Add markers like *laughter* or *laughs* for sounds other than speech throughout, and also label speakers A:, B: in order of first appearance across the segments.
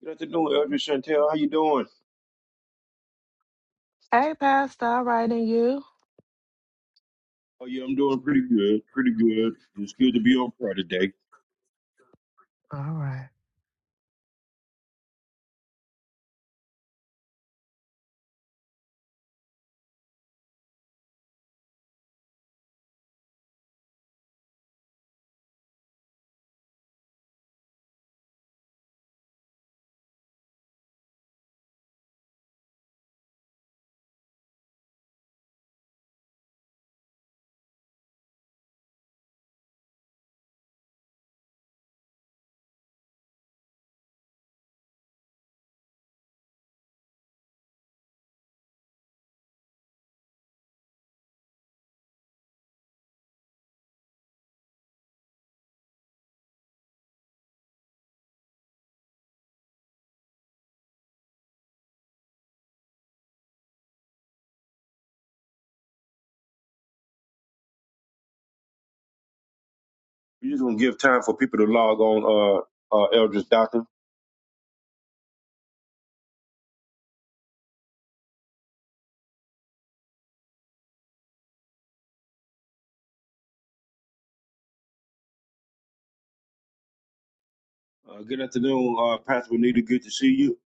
A: Good afternoon, Elder Chantel. How you doing?
B: Hey, Pastor, all right, and you?
A: Oh yeah, I'm doing pretty good. Pretty good. It's good to be on prayer today.
B: All right.
A: we just gonna give time for people to log on. Uh, uh, Eldridge Doctor. Uh, good afternoon, uh, Pastor Benita. Good to see you.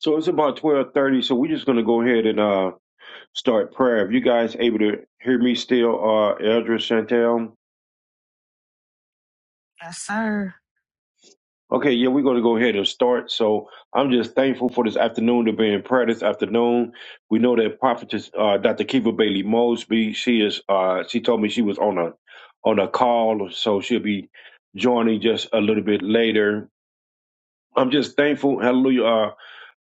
A: So it's about twelve thirty. So we're just gonna go ahead and uh start prayer. If you guys able to hear me still, uh, Eldridge Chantel.
B: Yes, sir.
A: Okay, yeah, we're going to go ahead and start. So I'm just thankful for this afternoon to be in prayer this afternoon. We know that prophetess uh, Dr. Kiva Bailey Mosby, she is uh, she told me she was on a on a call, so she'll be joining just a little bit later. I'm just thankful, hallelujah, uh,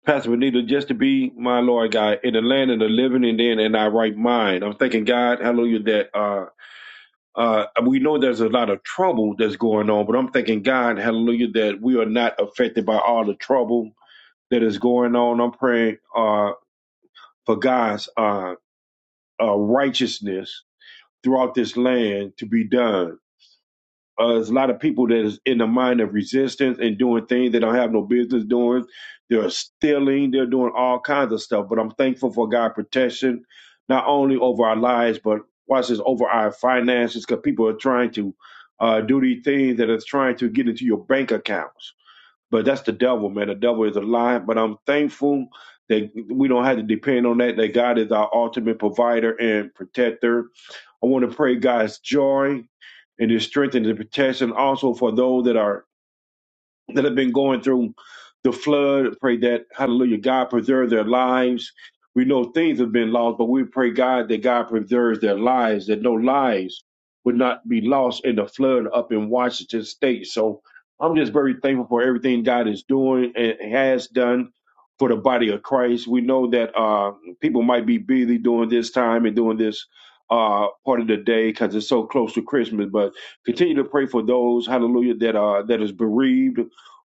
A: Pastor Benita, just to be my Lord God in the land of the living and then in our right mind. I'm thanking God, hallelujah, that uh. Uh, we know there's a lot of trouble that's going on, but I'm thanking God, hallelujah, that we are not affected by all the trouble that is going on. I'm praying uh, for God's uh, uh, righteousness throughout this land to be done uh, there's a lot of people that is in the mind of resistance and doing things they don't have no business doing. They're stealing. They're doing all kinds of stuff. But I'm thankful for God's protection, not only over our lives, but watch this over our finances, because people are trying to uh, do these things that are trying to get into your bank accounts. But that's the devil, man. The devil is a lie. But I'm thankful that we don't have to depend on that. That God is our ultimate provider and protector. I want to pray God's joy it is strengthening the protection also for those that are that have been going through the flood. Pray that, hallelujah, God preserve their lives. We know things have been lost, but we pray, God, that God preserves their lives, that no lives would not be lost in the flood up in Washington state. So I'm just very thankful for everything God is doing and has done for the body of Christ. We know that uh, people might be busy during this time and during this uh, part of the day because it's so close to Christmas, but continue to pray for those, hallelujah, that, uh, that is bereaved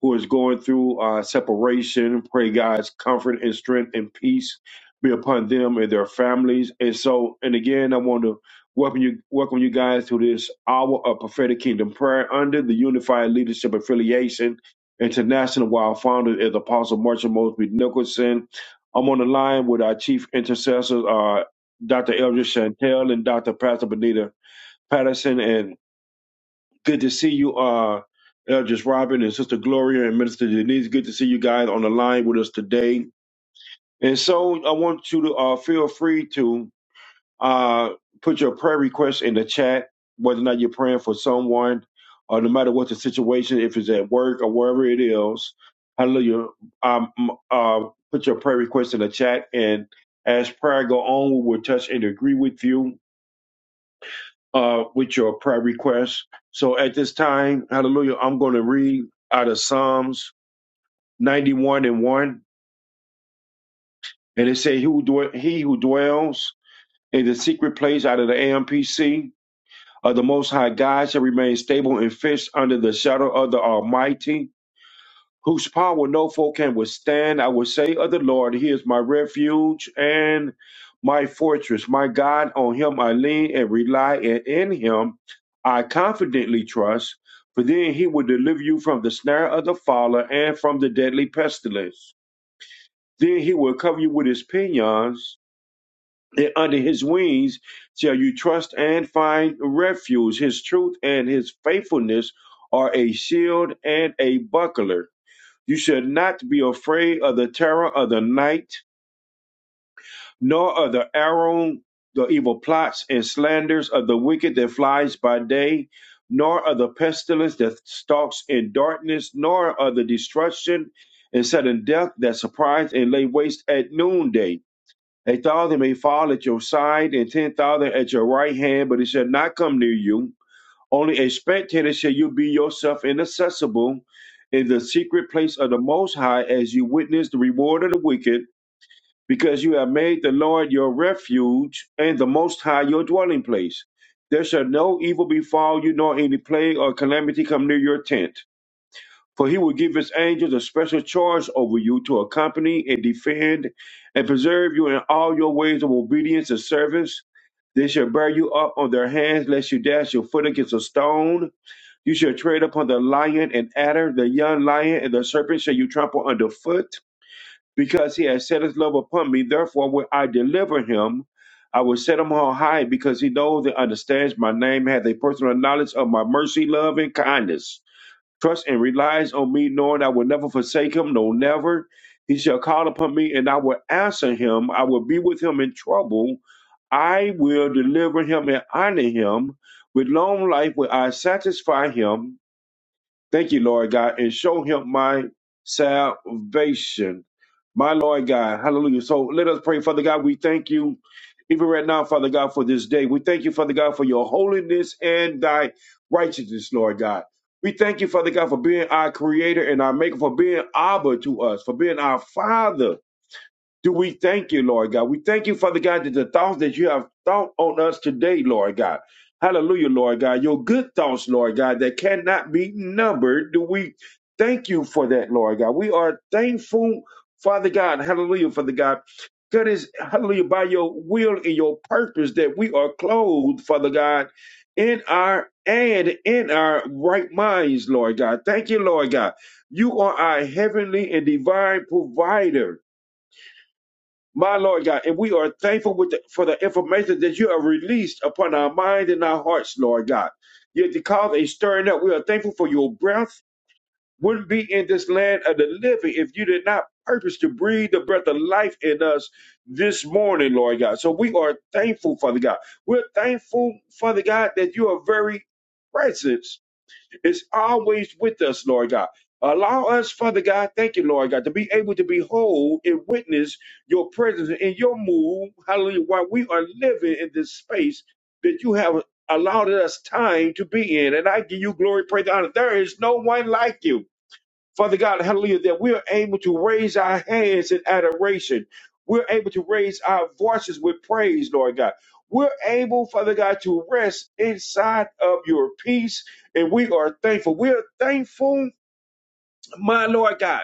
A: who is going through uh, separation. Pray God's comfort and strength and peace be upon them and their families. And so, and again, I want to welcome you, welcome you guys to this hour of prophetic kingdom prayer under the Unified Leadership Affiliation International. While founder is Apostle Marshall Mosby Nicholson, I'm on the line with our chief intercessors, uh, Dr. Eldridge Chantel and Dr. Pastor Benita Patterson and Good to see you, uh, Eldridge Robin and Sister Gloria and Minister Denise. Good to see you guys on the line with us today. And so I want you to uh, feel free to uh, put your prayer request in the chat, whether or not you're praying for someone, or no matter what the situation, if it's at work or wherever it is. Hallelujah. Um, uh, put your prayer request in the chat, and as prayer go on, we will touch and agree with you uh, with your prayer requests. So at this time, hallelujah, I'm going to read out of Psalms 91 and 1. And it says, he who, dwe- he who dwells in the secret place out of the AMPC of the Most High God shall remain stable and fixed under the shadow of the Almighty. whose power no foe can withstand. I will say of the Lord, He is my refuge and my fortress, my God. On Him I lean and rely, and in Him I confidently trust. For then He will deliver you from the snare of the fowler and from the deadly pestilence. Then He will cover you with His pinions. And under his wings shall you trust and find refuge. His truth and his faithfulness are a shield and a buckler. You should not be afraid of the terror of the night, nor of the arrow, the evil plots and slanders of the wicked that flies by day, nor of the pestilence that stalks in darkness, nor of the destruction and sudden death that surprise and lay waste at noonday. A thousand may fall at your side and ten thousand at your right hand, but it shall not come near you only a spectator shall you be yourself inaccessible in the secret place of the Most High as you witness the reward of the wicked, because you have made the Lord your refuge and the Most High your dwelling place. There shall no evil befall you, nor any plague or calamity come near your tent. For he will give his angels a special charge over you to accompany and defend and preserve you in all your ways of obedience and service. They shall bear you up on their hands, lest you dash your foot against a stone. You shall tread upon the lion and adder, the young lion and the serpent shall you trample underfoot. Because he has set his love upon me, therefore will I deliver him. I will set him on high because he knows and understands my name, hath a personal knowledge of my mercy, love, and kindness. Trust and relies on me, knowing I will never forsake him, no, never. He shall call upon me, and I will answer him. I will be with him in trouble. I will deliver him and honor him. With long life will I satisfy him Thank you, Lord God, and show him my salvation. My Lord God, hallelujah. So let us pray, Father God. We thank you even right now, Father God, for this day. We thank you, Father God, for your holiness and thy righteousness, Lord God. We thank you, Father God, for being our creator and our maker, for being Abba to us, for being our Father. Do we thank you, Lord God? We thank you, Father God, that the thoughts that you have thought on us today, Lord God. Hallelujah, Lord God. Your good thoughts, Lord God, that cannot be numbered. Do we thank you for that, Lord God? We are thankful, Father God. Hallelujah, Father God. God is, hallelujah, by your will and your purpose that we are clothed, Father God, in our and in our right minds, Lord God. Thank you, Lord God. You are our heavenly and divine provider. My Lord God, and we are thankful with the, for the information that you have released upon our mind and our hearts, Lord God. Yet to cause a stirring up, we are thankful for your breath wouldn't be in this land of the living if you did not purpose to breathe the breath of life in us this morning, Lord God. So we are thankful, Father God. We're thankful, Father God, that you are very present is always with us, Lord God. Allow us, Father God, thank you, Lord God, to be able to behold and witness your presence and your move, hallelujah, while we are living in this space that you have allowed us time to be in. And I give you glory, praise, and honor. There is no one like you. Father God, hallelujah, that we are able to raise our hands in adoration. We're able to raise our voices with praise, Lord God. We're able, Father God, to rest inside of your peace, and we are thankful. We are thankful, my Lord God,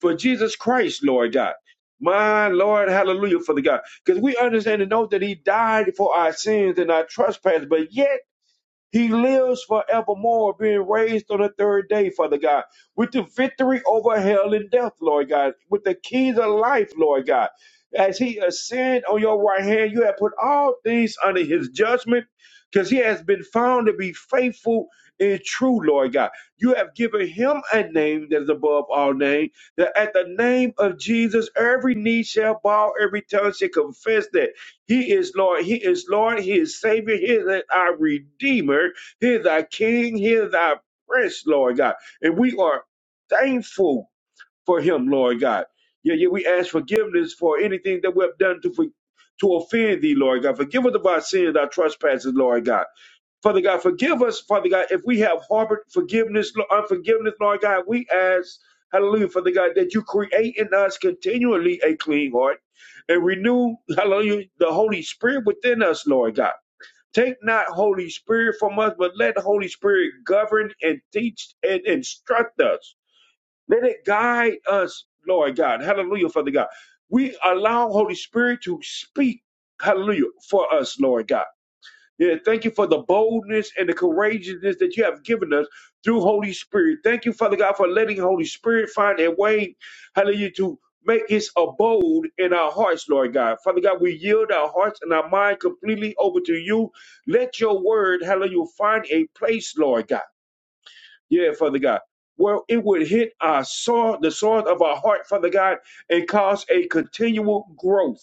A: for Jesus Christ, Lord God. My Lord, hallelujah, Father God. Because we understand and know that He died for our sins and our trespasses, but yet he lives forevermore, being raised on the third day, Father God, with the victory over hell and death, Lord God, with the keys of life, Lord God. As he ascend on your right hand, you have put all things under his judgment, because he has been found to be faithful and true, Lord God. You have given him a name that is above all names, that at the name of Jesus, every knee shall bow, every tongue shall confess that. He is Lord. He is Lord. He is Savior. He is our Redeemer. He is our King. He is our Prince, Lord God. And we are thankful for Him, Lord God. Yeah, yeah. We ask forgiveness for anything that we have done to for, to offend Thee, Lord God. Forgive us of our sins, our trespasses, Lord God. Father God, forgive us, Father God, if we have harbored forgiveness, unforgiveness, Lord God. We ask, hallelujah, Father God, that you create in us continually a clean heart and renew, hallelujah, the Holy Spirit within us, Lord God. Take not Holy Spirit from us, but let the Holy Spirit govern and teach and instruct us. Let it guide us, Lord God. Hallelujah, Father God. We allow Holy Spirit to speak, hallelujah, for us, Lord God. Yeah, thank you for the boldness and the courageousness that you have given us through Holy Spirit. Thank you, Father God, for letting Holy Spirit find a way, hallelujah, to make his abode in our hearts, Lord God. Father God, we yield our hearts and our mind completely over to you. Let your word, hallelujah, find a place, Lord God. Yeah, Father God. Where it would hit our sword, the sword of our heart, Father God, and cause a continual growth.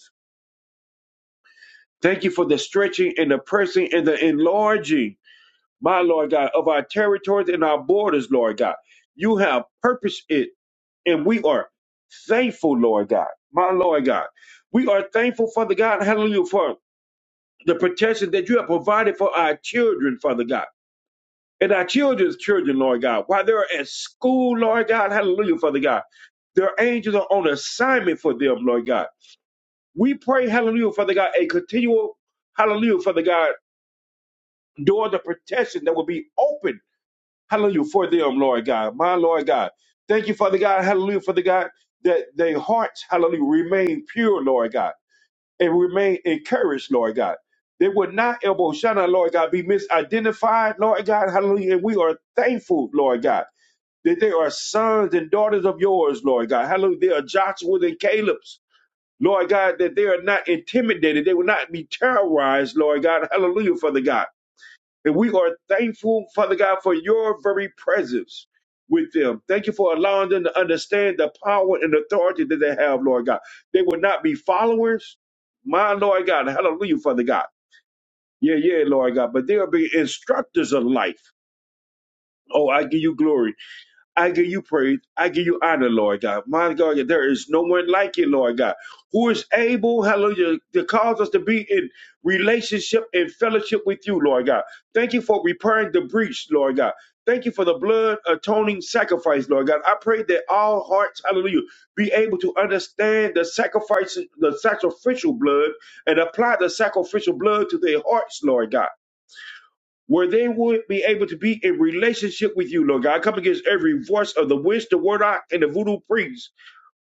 A: Thank you for the stretching and the pressing and the enlarging my Lord God, of our territories and our borders, Lord God. You have purposed it, and we are thankful, Lord God, my Lord God. We are thankful, Father God, hallelujah, for the protection that you have provided for our children, Father God. And our children's children, Lord God, while they're at school, Lord God, hallelujah, Father God, their angels are on assignment for them, Lord God. We pray, hallelujah, Father God, a continual, hallelujah, Father God, door the protection that will be open Hallelujah for them, Lord God. My Lord God. Thank you, Father God. Hallelujah, Father God, that their hearts, hallelujah, remain pure, Lord God, and remain encouraged, Lord God. They would not, El Boshana, Lord God, be misidentified, Lord God. Hallelujah. And we are thankful, Lord God, that they are sons and daughters of yours, Lord God. Hallelujah. They are Joshua's and Caleb's. Lord God, that they are not intimidated. They will not be terrorized, Lord God. Hallelujah, Father God and we are thankful, Father God, for your very presence with them. Thank you for allowing them to understand the power and authority that they have, Lord God. They will not be followers. My Lord God, hallelujah, Father God. Yeah, yeah, Lord God. But they'll be instructors of life. Oh, I give you glory. I give you praise. I give you honor, Lord God. My God, there is no one like you, Lord God, who is able, hallelujah, to cause us to be in relationship and fellowship with you, Lord God. Thank you for repairing the breach, Lord God. Thank you for the blood atoning sacrifice, Lord God. I pray that all hearts, hallelujah, be able to understand the sacrifice, the sacrificial blood, and apply the sacrificial blood to their hearts, Lord God where they would be able to be in relationship with you, Lord God. I come against every voice of the witch, the warlock, and the voodoo priest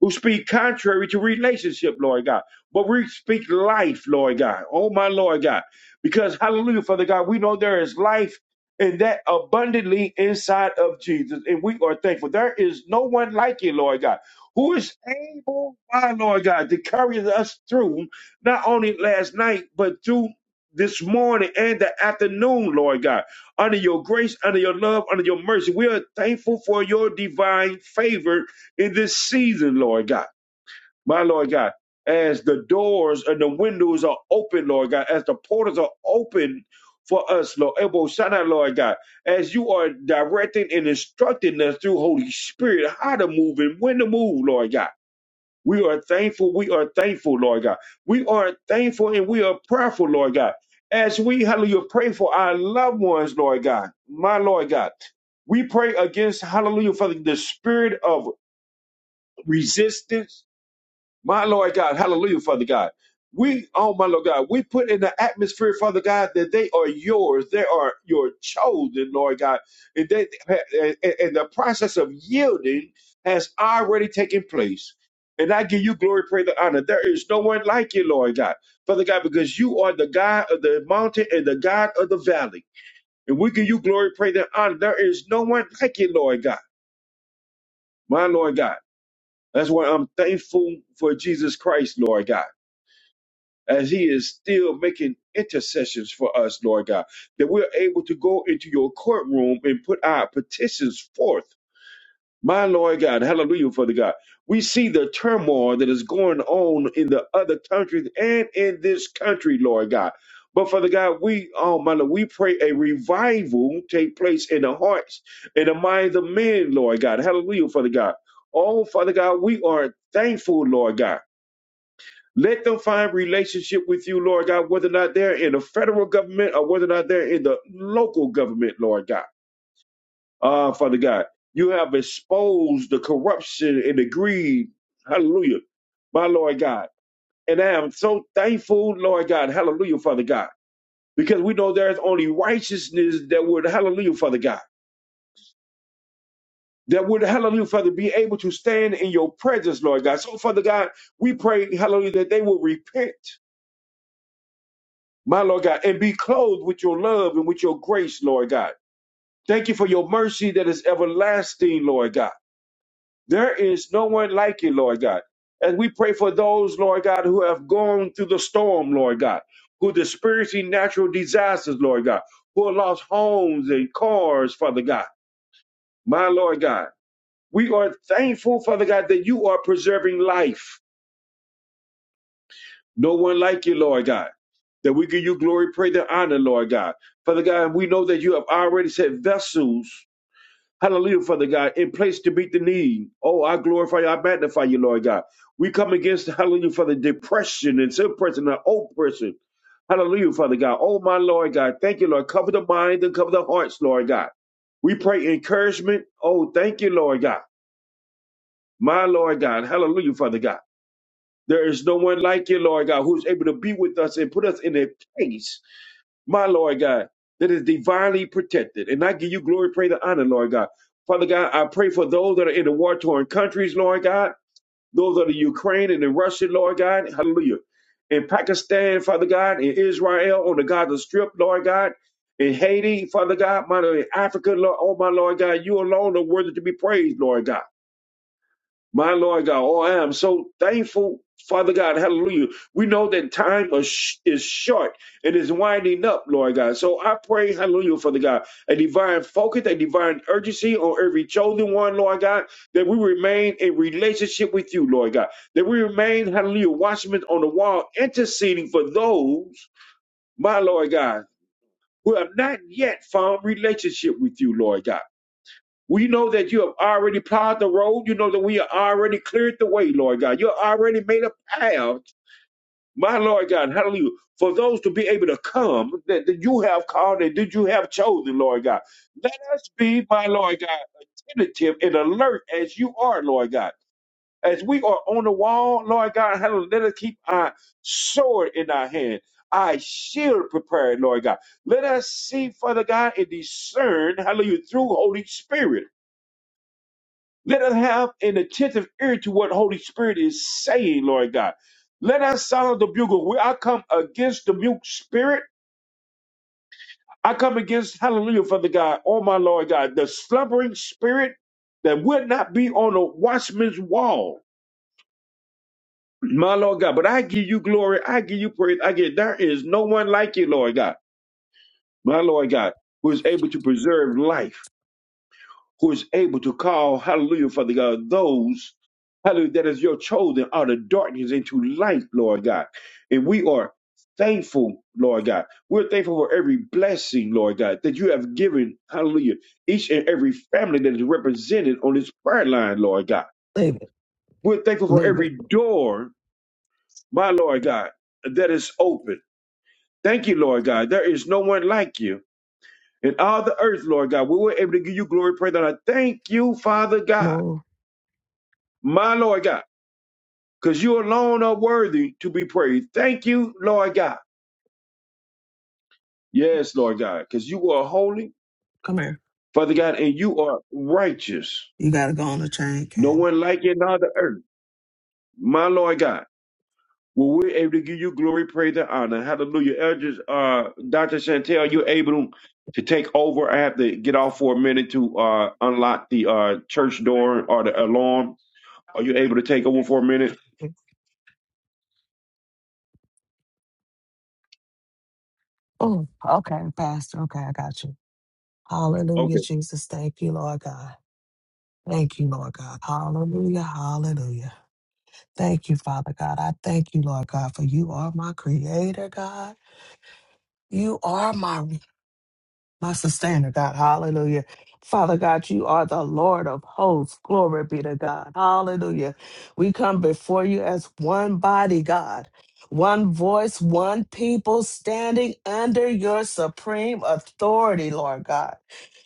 A: who speak contrary to relationship, Lord God. But we speak life, Lord God. Oh, my Lord God. Because, hallelujah, Father God, we know there is life and that abundantly inside of Jesus. And we are thankful. There is no one like you, Lord God, who is able, my Lord God, to carry us through not only last night, but through this morning and the afternoon, Lord God, under your grace, under your love, under your mercy. We are thankful for your divine favor in this season, Lord God. My Lord God, as the doors and the windows are open, Lord God, as the portals are open for us, Lord, Ebo Shaddai, Lord God, as you are directing and instructing us through Holy Spirit how to move and when to move, Lord God. We are thankful. We are thankful, Lord God. We are thankful and we are prayerful, Lord God. As we, hallelujah, pray for our loved ones, Lord God, my Lord God. We pray against, hallelujah, for the spirit of resistance, my Lord God, hallelujah, Father God. We, oh my Lord God, we put in the atmosphere, Father God, that they are yours. They are your chosen, Lord God. And, they, and and the process of yielding has already taken place. And I give you glory, praise, and honor. There is no one like you, Lord God. Father God, because you are the God of the mountain and the God of the valley. And we give you glory, praise, and honor. There is no one like you, Lord God. My Lord God. That's why I'm thankful for Jesus Christ, Lord God. as he is still making intercessions for us, Lord God, that we're able to go into your courtroom and put our petitions forth. My Lord God, hallelujah, Father God. We see the turmoil that is going on in the other countries and in this country, Lord God. But Father God, we, oh my Lord, we pray a revival take place in the hearts and the minds of men, Lord God. Hallelujah, Father God. Oh, Father God, we are thankful, Lord God let them find relationship with you, Lord God, whether or not they're in the federal government or whether or not they're in the local government, Lord God. Ah, Father God, you have exposed the corruption and the greed. Hallelujah. My Lord God. And I am so thankful, Lord God. Hallelujah, Father God. Because we know there's only righteousness that would, hallelujah, Father God. That would, hallelujah, Father, be able to stand in your presence, Lord God. So, Father God, we pray, hallelujah, that they will repent my Lord God, and be clothed with your love and with your grace, Lord God. Thank you for your mercy that is everlasting, Lord God. There is no one like you, Lord God. And we pray for those, Lord God, who have gone through the storm, Lord God, who are experiencing natural disasters, Lord God, who have lost homes and cars, Father God. My Lord God, we are thankful, Father God, that you are preserving life. No one like you, Lord God. That we give you glory, praise, and honor, Lord God. Father God, we know that you have already set vessels, hallelujah, Father God, in place to meet the need. Oh, I glorify you, I magnify you, Lord God. We come against, hallelujah, Father, depression and suppression and oppression. Hallelujah, Father God. Oh, my Lord God. Thank you, Lord. Cover the mind and cover the hearts, Lord God. We pray encouragement. Oh, thank you, Lord God. My Lord God. Hallelujah, Father God. There is no one like you, Lord God, who is able to be with us and put us in a place, my Lord God, that is divinely protected. And I give you glory, praise, and honor, Lord God. Father God, I pray for those that are in the war torn countries, Lord God, those that are in Ukraine and in Russia, Lord God, hallelujah. In Pakistan, Father God, in Israel, on the Gaza Strip, Lord God, in Haiti, Father God, my Lord, in Africa, Lord, oh my Lord God, you alone are worthy to be praised, Lord God. My Lord God, oh, I am so thankful, Father God, hallelujah. We know that time is sh- is short and is winding up, Lord God. So I pray, hallelujah, Father God, a divine focus, a divine urgency on every chosen one, Lord God, that we remain in relationship with you, Lord God, that we remain, hallelujah, watchmen on the wall, interceding for those, my Lord God, who have not yet found relationship with you, Lord God. We know that you have already plowed the road. You know that we have already cleared the way, Lord God. You already made a path, my Lord God, hallelujah, for those to be able to come that, that you have called and that you have chosen, Lord God. Let us be, my Lord God, tentative and alert as you are, Lord God. As we are on the wall, Lord God, hallelujah, let us keep our sword in our hand, our shield prepared, Lord God. Let us see, Father God, and discern, hallelujah, through Holy Spirit. Let us have an attentive ear to what Holy Spirit is saying, Lord God. Let us sound the bugle. We, I come against the mute spirit. I come against, hallelujah, Father God, oh my Lord God, the slumbering spirit that would not be on a watchman's wall, my Lord God. But I give you glory. I give you praise. I give, there is no one like you, Lord God, my Lord God, who is able to preserve life. who is able to call, hallelujah, Father God, those, hallelujah, that is your chosen out of darkness into light, Lord God. And we are thankful, Lord God. We're thankful for every blessing, Lord God, that you have given, hallelujah, each and every family that is represented on this prayer line, Lord God.
B: Leave it.
A: We're thankful for
B: Leave it.
A: every door, my Lord God, that is open. Thank you, Lord God. There is no one like you. In all the earth, Lord God, we were able to give you glory, praise, and I thank you, Father God
B: Move.
A: my Lord God, because you alone are worthy to be praised. Thank you, Lord God. Yes, Lord God, because you are holy,
B: Come here.
A: Father God, and you are righteous.
B: You gotta go on the train,
A: No
B: Ken.
A: one like you in all the earth. My Lord God, well, we're able to give you glory, praise, and honor. Hallelujah. Elders, uh, Dr. Chantel, you're able to take over. I have to get off for a minute to uh, unlock the uh, church door or the alarm. Are you able to take over for a minute?
B: Oh, okay, Pastor. Okay, I got you.
A: Okay.
B: Hallelujah, Jesus. Thank you, Lord God. Thank you, Lord God. Hallelujah. Hallelujah. Thank you, Father God. I thank you, Lord God, for you are my creator, God. You are my my sustainer, God. Hallelujah. Father God, you are the Lord of hosts. Glory be to God. Hallelujah. We come before you as one body, God, one voice, one people standing under your supreme authority, Lord God.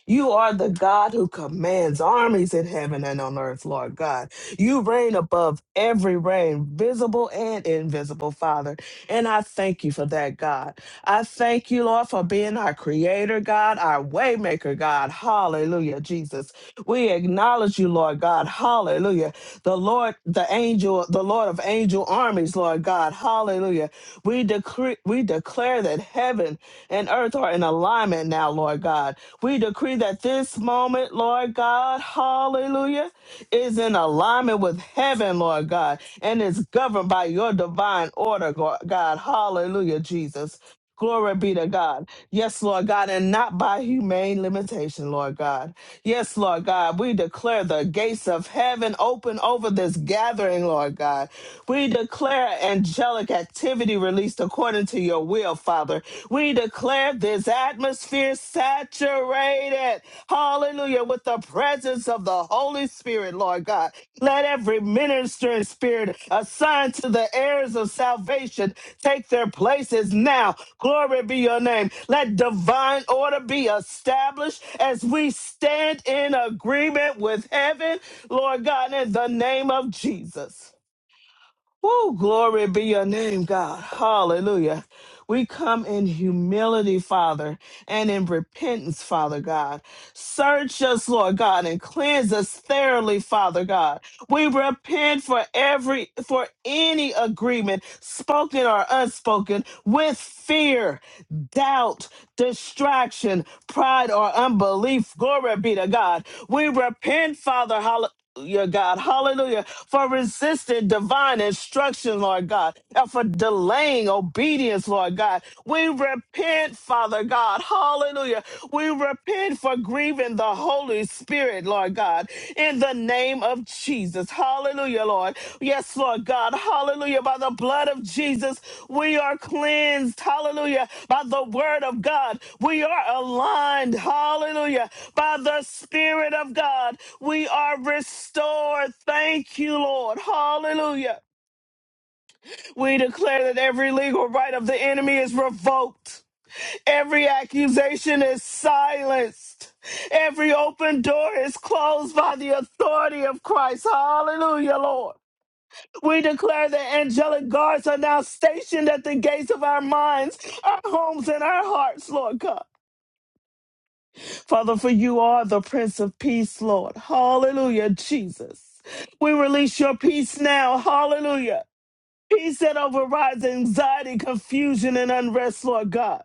B: You are the God who commands armies in heaven and on earth, Lord God. You reign above every reign, visible and invisible, Father. And I thank you for that, God. I thank you, Lord, for being our creator, God, our waymaker, God. Hallelujah, Jesus. We acknowledge you, Lord God. Hallelujah. The Lord, the angel, the Lord of angel armies, Lord God. Hallelujah. We decree, we declare that heaven and earth are in alignment now, Lord God. We decree that this moment, Lord God, hallelujah, is in alignment with heaven, Lord God, and is governed by your divine order, Go- God. Hallelujah, Jesus. Glory be to God. Yes, Lord God, and not by humane limitation, Lord God. Yes, Lord God, we declare the gates of heaven open over this gathering, Lord God. We declare angelic activity released according to your will, Father. We declare this atmosphere saturated. Hallelujah. With the presence of the Holy Spirit, Lord God. Let every ministering spirit assigned to the heirs of salvation take their places now. Glory be your name. Let divine order be established as we stand in agreement with heaven, Lord God, in the name of Jesus. Woo, glory be your name, God. Hallelujah. We come in humility, Father, and in repentance, Father God. Search us, Lord God, and cleanse us thoroughly, Father God. We repent for every for any agreement, spoken or unspoken, with fear, doubt, distraction, pride, or unbelief. Glory be to God. We repent, Father. Hallelujah. God, hallelujah, for resisting divine instruction, Lord God, and for delaying obedience, Lord God. We repent, Father God, Hallelujah. We repent for grieving the Holy Spirit, Lord God, in the name of Jesus. Hallelujah, Lord. Yes, Lord God. Hallelujah. By the blood of Jesus, we are cleansed. Hallelujah. By the word of God, we are aligned. Hallelujah. By the Spirit of God, we are restored. Thank you, Lord. Hallelujah. We declare that every legal right of the enemy is revoked. Every accusation is silenced. Every open door is closed by the authority of Christ. Hallelujah, Lord. We declare that angelic guards are now stationed at the gates of our minds, our homes, and our hearts, Lord God. Father, for you are the Prince of Peace, Lord. Hallelujah, Jesus. We release your peace now. Hallelujah. Peace that overrides anxiety, confusion, and unrest, Lord God.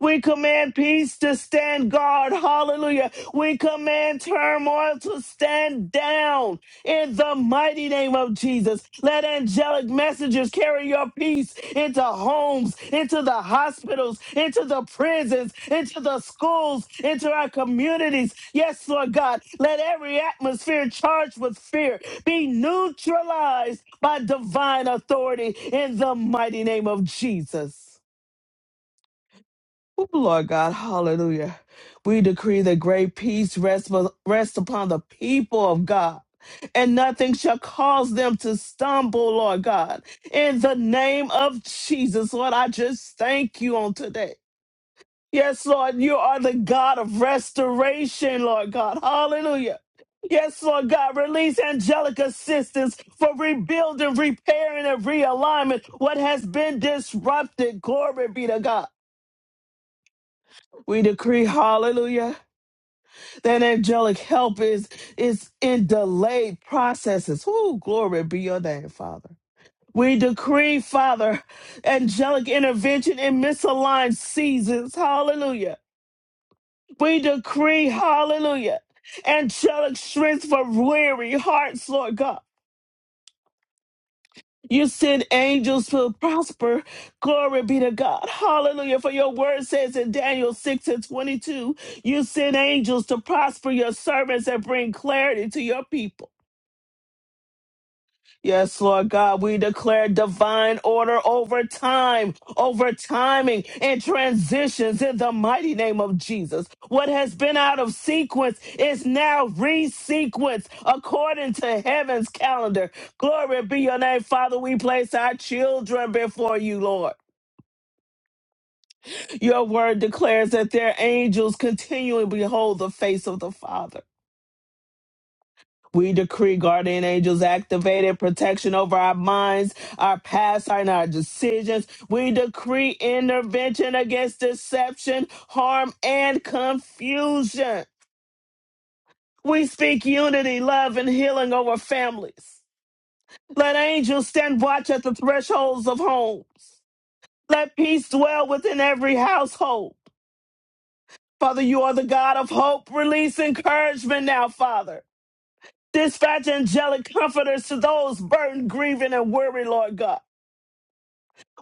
B: We command peace to stand guard. Hallelujah. We command turmoil to stand down in the mighty name of Jesus. Let angelic messengers carry your peace into homes, into the hospitals, into the prisons, into the schools, into our communities. Yes, Lord God. Let every atmosphere charged with fear be neutralized by divine authority in the mighty name of Jesus. Oh, Lord God, hallelujah. We decree that great peace rest, rest upon the people of God, and nothing shall cause them to stumble, Lord God. In the name of Jesus, Lord, I just thank you on today. Yes, Lord, you are the God of restoration, Lord God. Hallelujah. Yes, Lord God, release angelic assistance for rebuilding, repairing, and realignment what has been disrupted. Glory be to God. We decree, hallelujah, that angelic help is, is in delayed processes. Woo, glory be your name, Father. We decree, Father, angelic intervention in misaligned seasons. Hallelujah. We decree, hallelujah, angelic strength for weary hearts, Lord God. You send angels to prosper. Glory be to God. Hallelujah. For your word says in Daniel 6 and 22, you send angels to prosper your servants and bring clarity to your people. Yes, Lord God, we declare divine order over time, over timing and transitions in the mighty name of Jesus. What has been out of sequence is now resequenced according to heaven's calendar. Glory be your name, Father. We place our children before you, Lord. Your word declares that their angels continually behold the face of the Father. We decree guardian angels activated, protection over our minds, our past, and our decisions. We decree intervention against deception, harm, and confusion. We speak unity, love, and healing over families. Let angels stand watch at the thresholds of homes. Let peace dwell within every household. Father, you are the God of hope. Release encouragement now, Father. Dispatch angelic comforters to those burdened, grieving, and weary, Lord God.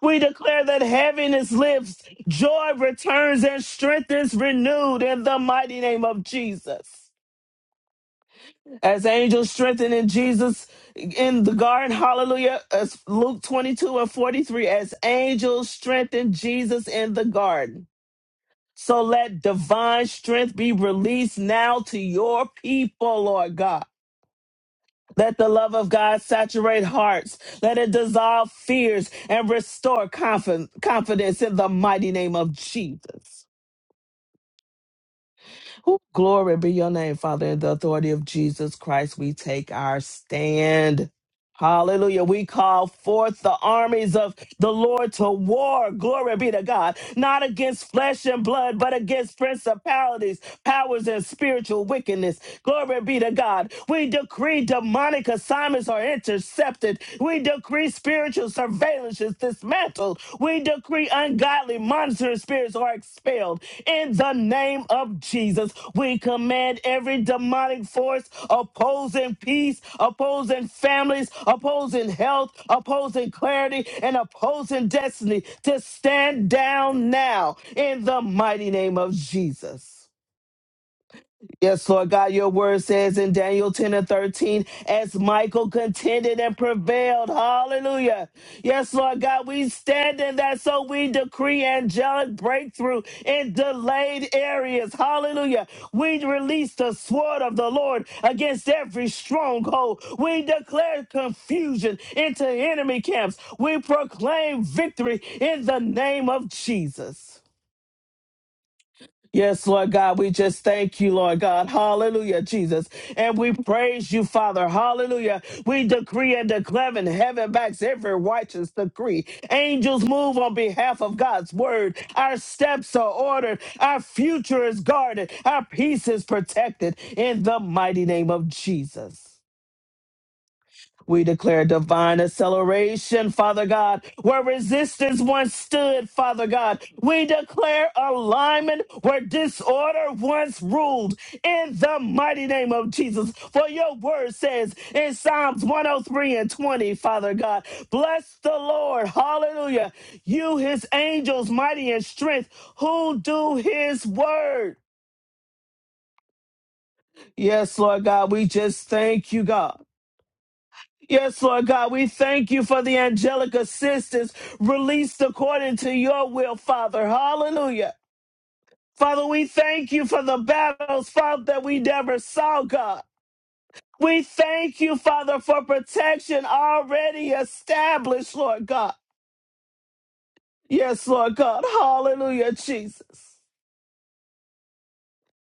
B: We declare that heaviness lifts, joy returns, and strength is renewed in the mighty name of Jesus. As angels strengthened in Jesus in the garden, hallelujah, as Luke 22 and 43, as angels strengthened Jesus in the garden. So let divine strength be released now to your people, Lord God Let the love of God saturate hearts. Let it dissolve fears and restore confi- confidence in the mighty name of Jesus. Ooh, glory be your name, Father. In the authority of Jesus Christ, we take our stand. Hallelujah. We call forth the armies of the Lord to war. Glory be to God. Not against flesh and blood, but against principalities, powers, and spiritual wickedness Glory be to God. We decree demonic assignments are intercepted. We decree spiritual surveillance is dismantled. We decree ungodly monitoring spirits are expelled. In the name of Jesus, we command every demonic force opposing peace, opposing families, opposing health, opposing clarity, and opposing destiny to stand down now in the mighty name of Jesus. Yes, Lord God, your word says in Daniel 10 and 13, as Michael contended and prevailed. Hallelujah. Yes, Lord God, we stand in that so we decree angelic breakthrough in delayed areas. Hallelujah. We release the sword of the Lord against every stronghold. We declare confusion into enemy camps. We proclaim victory in the name of Jesus. Yes, Lord God, we just thank you, Lord God. Hallelujah, Jesus. And we praise you, Father. Hallelujah. We decree and declare in heaven backs every righteous decree. Angels move on behalf of God's word. Our steps are ordered. Our future is guarded. Our peace is protected in the mighty name of Jesus. We declare divine acceleration, Father God, where resistance once stood, Father God. We declare alignment where disorder once ruled in the mighty name of Jesus. For your word says in Psalms 103 and 20, Father God, bless the Lord, hallelujah, you, his angels, mighty in strength, who do his word. Yes, Lord God, we just thank you, God. Yes, Lord God, we thank you for the angelic assistance released according to your will, Father. Hallelujah. Father, we thank you for the battles, fought that we never saw, God. We thank you, Father, for protection already established, Lord God. Yes, Lord God. Hallelujah, Jesus.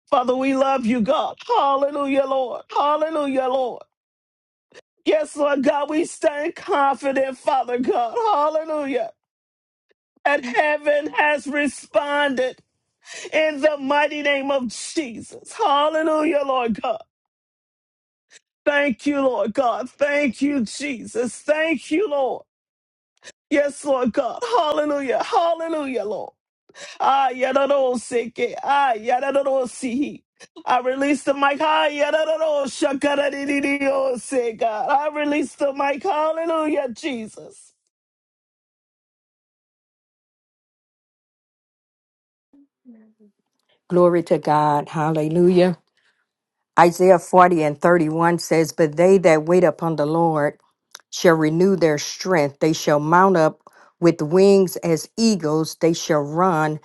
B: Father, we love you, God. Hallelujah, Lord. Hallelujah, Lord. Yes, Lord God, we stand confident, Father God. Hallelujah And heaven has responded in the mighty name of Jesus. Hallelujah, Lord God. Thank you, Lord God. Thank you, Jesus. Thank you, Lord. Yes, Lord God. Hallelujah. Hallelujah, Lord. Ah, yadadosike. Ah, yadadosihi. I release the mic. Ah, yadadoshakaradididiose, God. I release the mic. Hallelujah, Jesus.
C: Glory to God. Hallelujah. Isaiah 40 and 31 says, But they that wait upon the Lord shall renew their strength. They shall mount up with wings as eagles. They shall run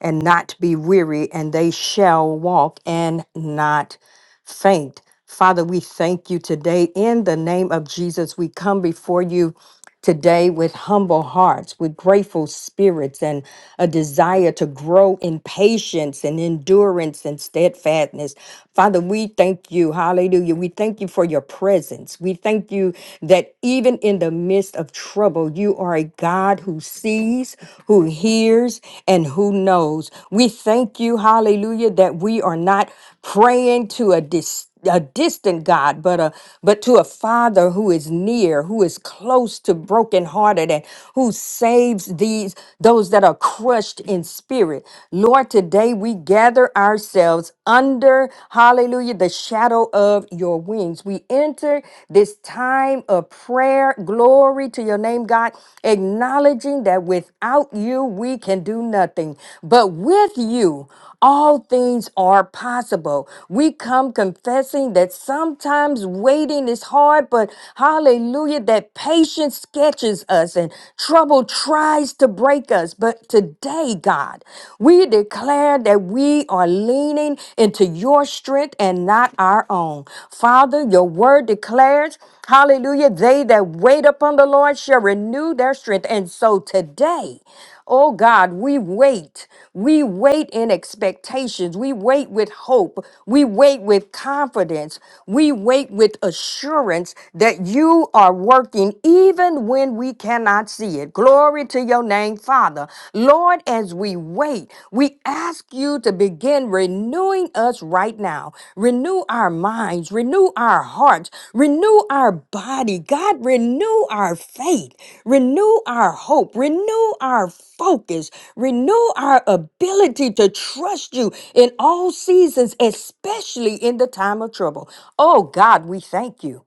C: and not be weary, and they shall walk and not faint. Father, we thank you today. In the name of Jesus, we come before you Today, with humble hearts, with grateful spirits, and a desire to grow in patience and endurance and steadfastness. Father, we thank you. Hallelujah. We thank you for your presence. We thank you that even in the midst of trouble, you are a God who sees, who hears, and who knows. We thank you, hallelujah, that we are not praying to a dis- a distant God, but a but to a Father who is near, who is close close to brokenhearted and who saves these those that are crushed in spirit. Lord, today we gather ourselves under hallelujah the shadow of your wings. We enter this time of prayer. Glory to your name, God, acknowledging that without you we can do nothing, but with you all things are possible. We come confessing that sometimes waiting is hard, but hallelujah hallelujah, that patience sketches us and trouble tries to break us. But today, God, we declare that we are leaning into your strength and not our own. Father, your word declares, hallelujah, they that wait upon the Lord shall renew their strength. And so today, Oh God, we wait. We wait in expectations. We wait with hope. We wait with confidence. We wait with assurance that you are working even when we cannot see it. Glory to your name, Father. Lord, as we wait, we ask you to begin renewing renewing us right now. Renew our minds, renew our hearts, renew our body. God, renew our faith, renew our hope, renew our focus, renew our ability to trust you in all seasons, especially in the time of trouble. Oh, God, we thank you.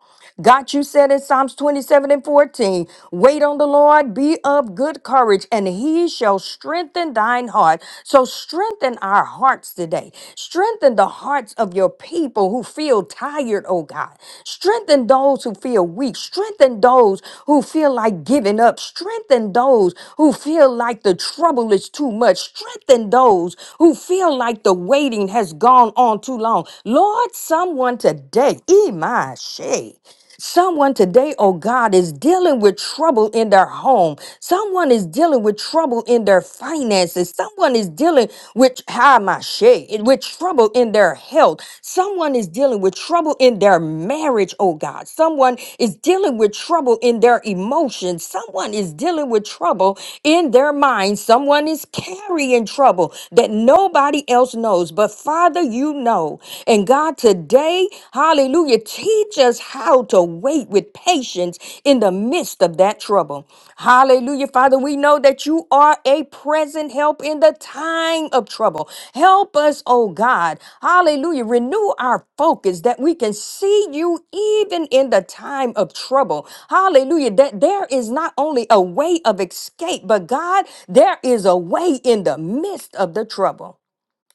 C: God, you said in Psalms 27 and 14, wait on the Lord, be of good courage, and he shall strengthen thine heart. So strengthen our hearts today. Strengthen the hearts of your people who feel tired, oh God. Strengthen those who feel weak. Strengthen those who feel like giving up. Strengthen those who feel like the trouble is too much. Strengthen those who feel like the waiting has gone on too long. Lord, someone today, Imai Someone today, oh God, is dealing with trouble in their home. Someone is dealing with trouble in their finances. Someone is dealing with how am I shade, with trouble in their health. Someone is dealing with trouble in their marriage, oh God. Someone is dealing with trouble in their emotions. Someone is dealing with trouble in their mind. Someone is carrying trouble that nobody else knows. But Father, you know. And God, God, today, hallelujah, teach us how to wait with patience in the midst of that trouble. Hallelujah, Father, we know that you are a present help in the time of trouble. Help us, oh God, hallelujah, renew our focus that we can see you even in the time of trouble. Hallelujah, that there is not only a way of escape, but God, there is a way in the midst of the trouble.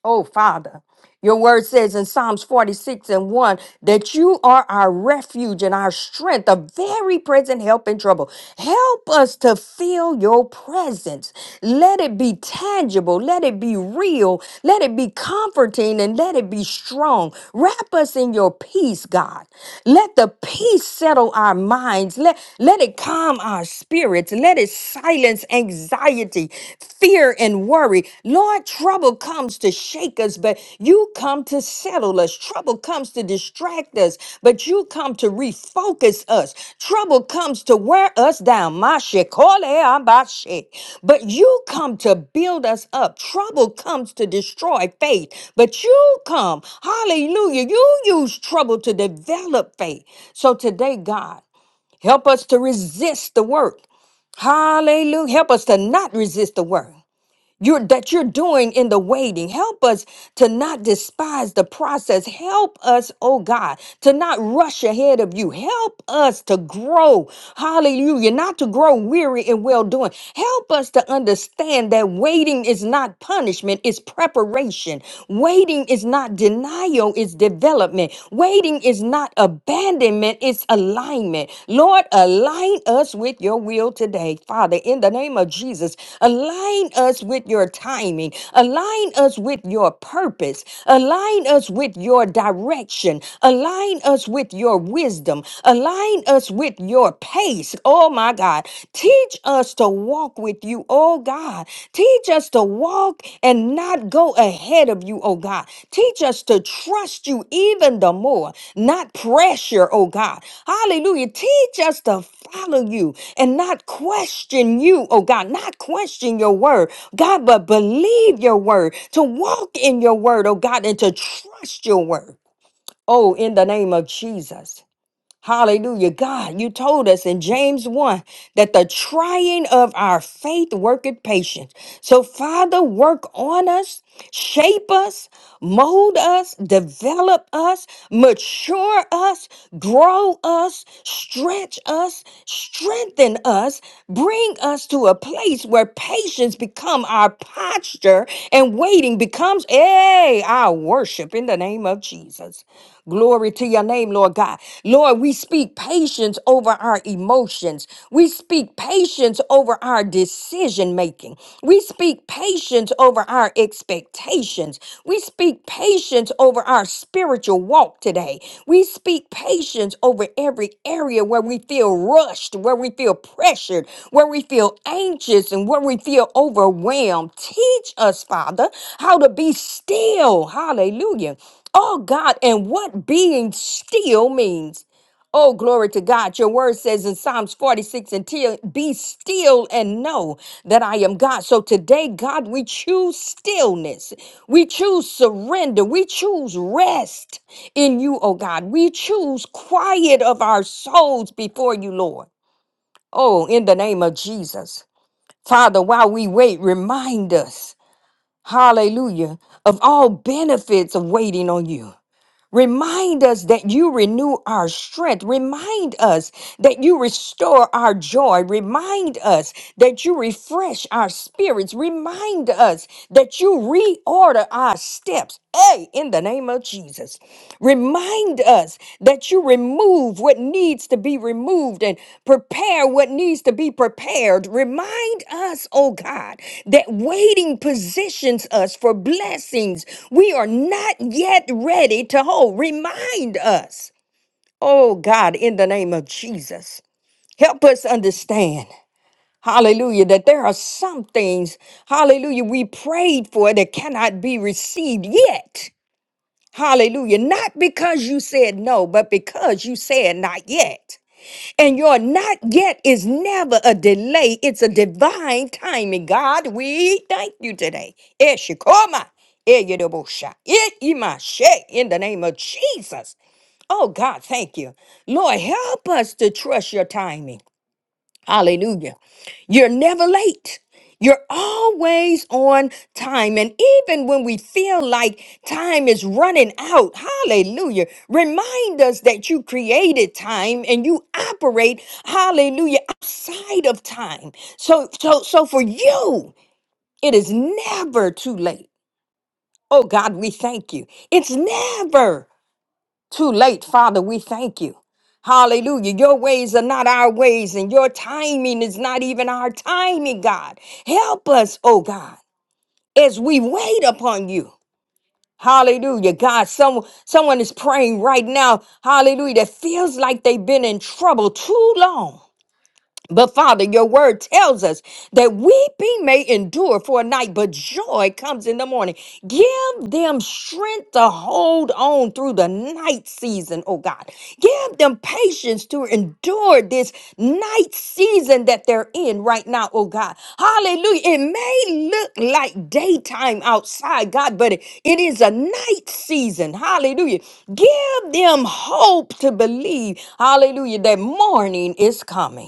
C: Oh, Father, your word says in Psalms 46 and 1 that you are our refuge and our strength, a very present help in trouble. Help us to feel your presence. Let it be tangible, let it be real, let it be comforting, and let it be strong. Wrap us in your peace, God. Let the peace settle our minds. Let, let it calm our spirits. Let it silence anxiety anxiety, fear, and worry. Lord, trouble comes to shake us, but you come to settle us. Trouble comes to distract us, but you come to refocus us. Trouble comes to wear us down. Mashe kole abashe. But you come to build us up. Trouble comes to destroy faith, but you come, hallelujah, you use trouble to develop faith. So today, God, help us to resist the work. Hallelujah. Help us to not resist the work you're, that you're doing in the waiting. Help us to not despise the process. Help us, oh God, to not rush ahead of you. Help us to grow. Hallelujah. Not to grow weary in well doing. Help us to understand that waiting is not punishment, it's preparation. Waiting is not denial, it's development. Waiting is not not abandonment, it's alignment. Lord, align us with your will today, Father, in the name of Jesus. Align us with your timing, align us with your purpose, align us with your direction, align us with your wisdom, align us with your pace. Oh my God, teach us to walk with you Oh God, teach us to walk and not go ahead of you, oh God. Teach us to trust you even the more, not pressure, oh God. Hallelujah. Teach us to follow you and not question you, oh God, not question your word, God, but believe your word, to walk in your word, oh God, and to trust your word. Oh, in the name of Jesus. Hallelujah. God, you told us in James 1 that the trying of our faith worketh patience. So, Father, work on us, shape us, mold us, develop us, mature us, grow us, stretch us, strengthen us, bring us to a place where patience become our posture and waiting becomes, hey, our worship in the name of Jesus. Glory to your name, Lord God. Lord, we speak patience over our emotions. We speak patience over our decision making. We speak patience over our expectations. We speak patience over our spiritual walk today. We speak patience over every area where we feel rushed, where we feel pressured, where we feel anxious, and where we feel overwhelmed. Teach us, Father, how to be still. Hallelujah. Oh God, and what being still means. Oh, glory to God. Your word says in Psalms 46 and 10, be still and know that I am God. So today, God, we choose stillness. We choose surrender. We choose rest in you, oh God. We choose quiet of our souls before you, Lord. Oh, in the name of Jesus. Father, while we wait, remind us, hallelujah, of all benefits of waiting on you. Remind us that you renew our strength. Remind us that you restore our joy. Remind us that you refresh our spirits. Remind us that you reorder our steps. Hey, in the name of Jesus. Remind us that you remove what needs to be removed and prepare what needs to be prepared. Remind us, oh God, that waiting positions us for blessings we are not yet ready to hold. Remind us, oh God, in the name of Jesus. Help us understand, hallelujah, that there are some things, hallelujah, we prayed for that cannot be received yet. Hallelujah. Not because you said no, but because you said not yet. And your not yet is never a delay, it's a divine timing. God, we thank you today. Eshikoma, eyedobosha, eimashe, In the name of Jesus. Oh, God, thank you. Lord, help us to trust your timing. Hallelujah. You're never late. You're always on time. And even when we feel like time is running out, hallelujah, remind us that you created time and you operate, hallelujah, outside of time. So, so, so for you, it is never too late. Oh God, we thank you. It's never too late, Father. We thank you. Hallelujah. Your ways are not our ways, and your timing is not even our timing, God. Help us, oh God, as we wait upon you. Hallelujah. God, some, someone is praying right now. Hallelujah. That feels like they've been in trouble too long. But Father, your word tells us that weeping may endure for a night, but joy comes in the morning. Give them strength to hold on through the night season, oh God. Give them patience to endure this night season that they're in right now, oh God. Hallelujah. It may look like daytime outside, God, but it it is a night season. Hallelujah. Give them hope to believe, hallelujah, that morning is coming.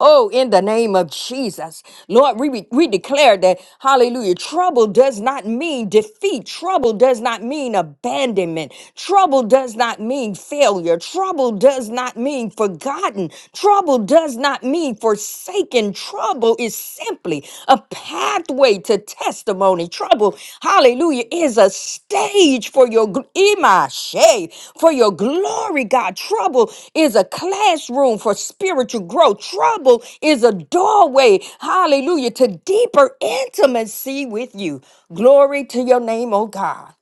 C: Oh, in the name of Jesus. Lord, we, we declare that, hallelujah, trouble does not mean defeat. Trouble does not mean abandonment. Trouble does not mean failure. Trouble does not mean forgotten. Trouble does not mean forsaken. Trouble is simply a path pathway to testimony. Trouble, hallelujah, is a stage for your gl- imashe, for your glory, God. Trouble is a classroom for spiritual growth. Trouble is a doorway, hallelujah, to deeper intimacy with you. Glory to your name, oh God.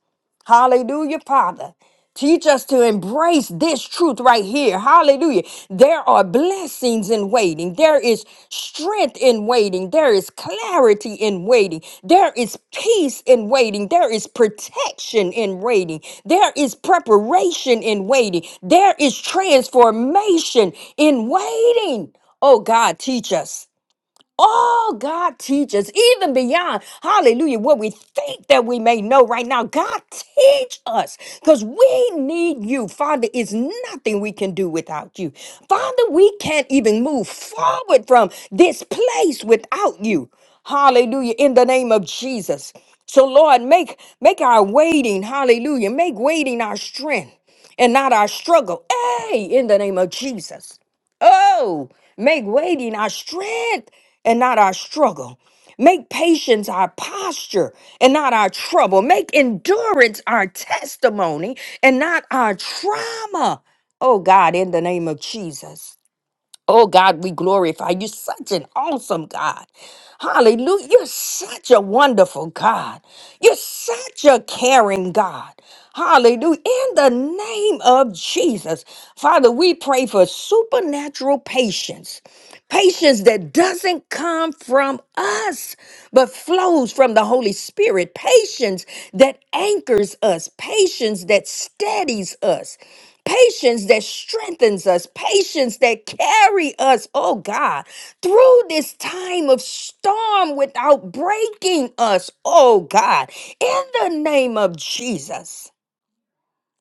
C: Hallelujah, Father. Teach us to embrace this truth right here. Hallelujah. There are blessings in waiting. There is strength in waiting. There is clarity in waiting. There is peace in waiting. There is protection in waiting. There is preparation in waiting. There is transformation in waiting. Oh God, teach us all God teaches, even beyond, hallelujah, what we think that we may know right now. God, teach us because we need you. Father, it's nothing we can do without you. Father, we can't even move forward from this place without you. Hallelujah, in the name of Jesus. So, Lord, make, make our waiting, hallelujah, make waiting our strength and not our struggle. Hey, in the name of Jesus. Oh, make waiting our strength and not our struggle. Make patience our posture and not our trouble. Make endurance our testimony and not our trauma. Oh God, in the name of Jesus. Oh God, we glorify you. Such an awesome God. Hallelujah. You're such a wonderful God. You're such a caring God. Hallelujah. In the name of Jesus, Father, we pray for supernatural patience Patience that doesn't come from us, but flows from the Holy Spirit. Patience that anchors us. Patience that steadies us. Patience that strengthens us. Patience that carry us, oh God, through this time of storm without breaking us, oh God, in the name of Jesus.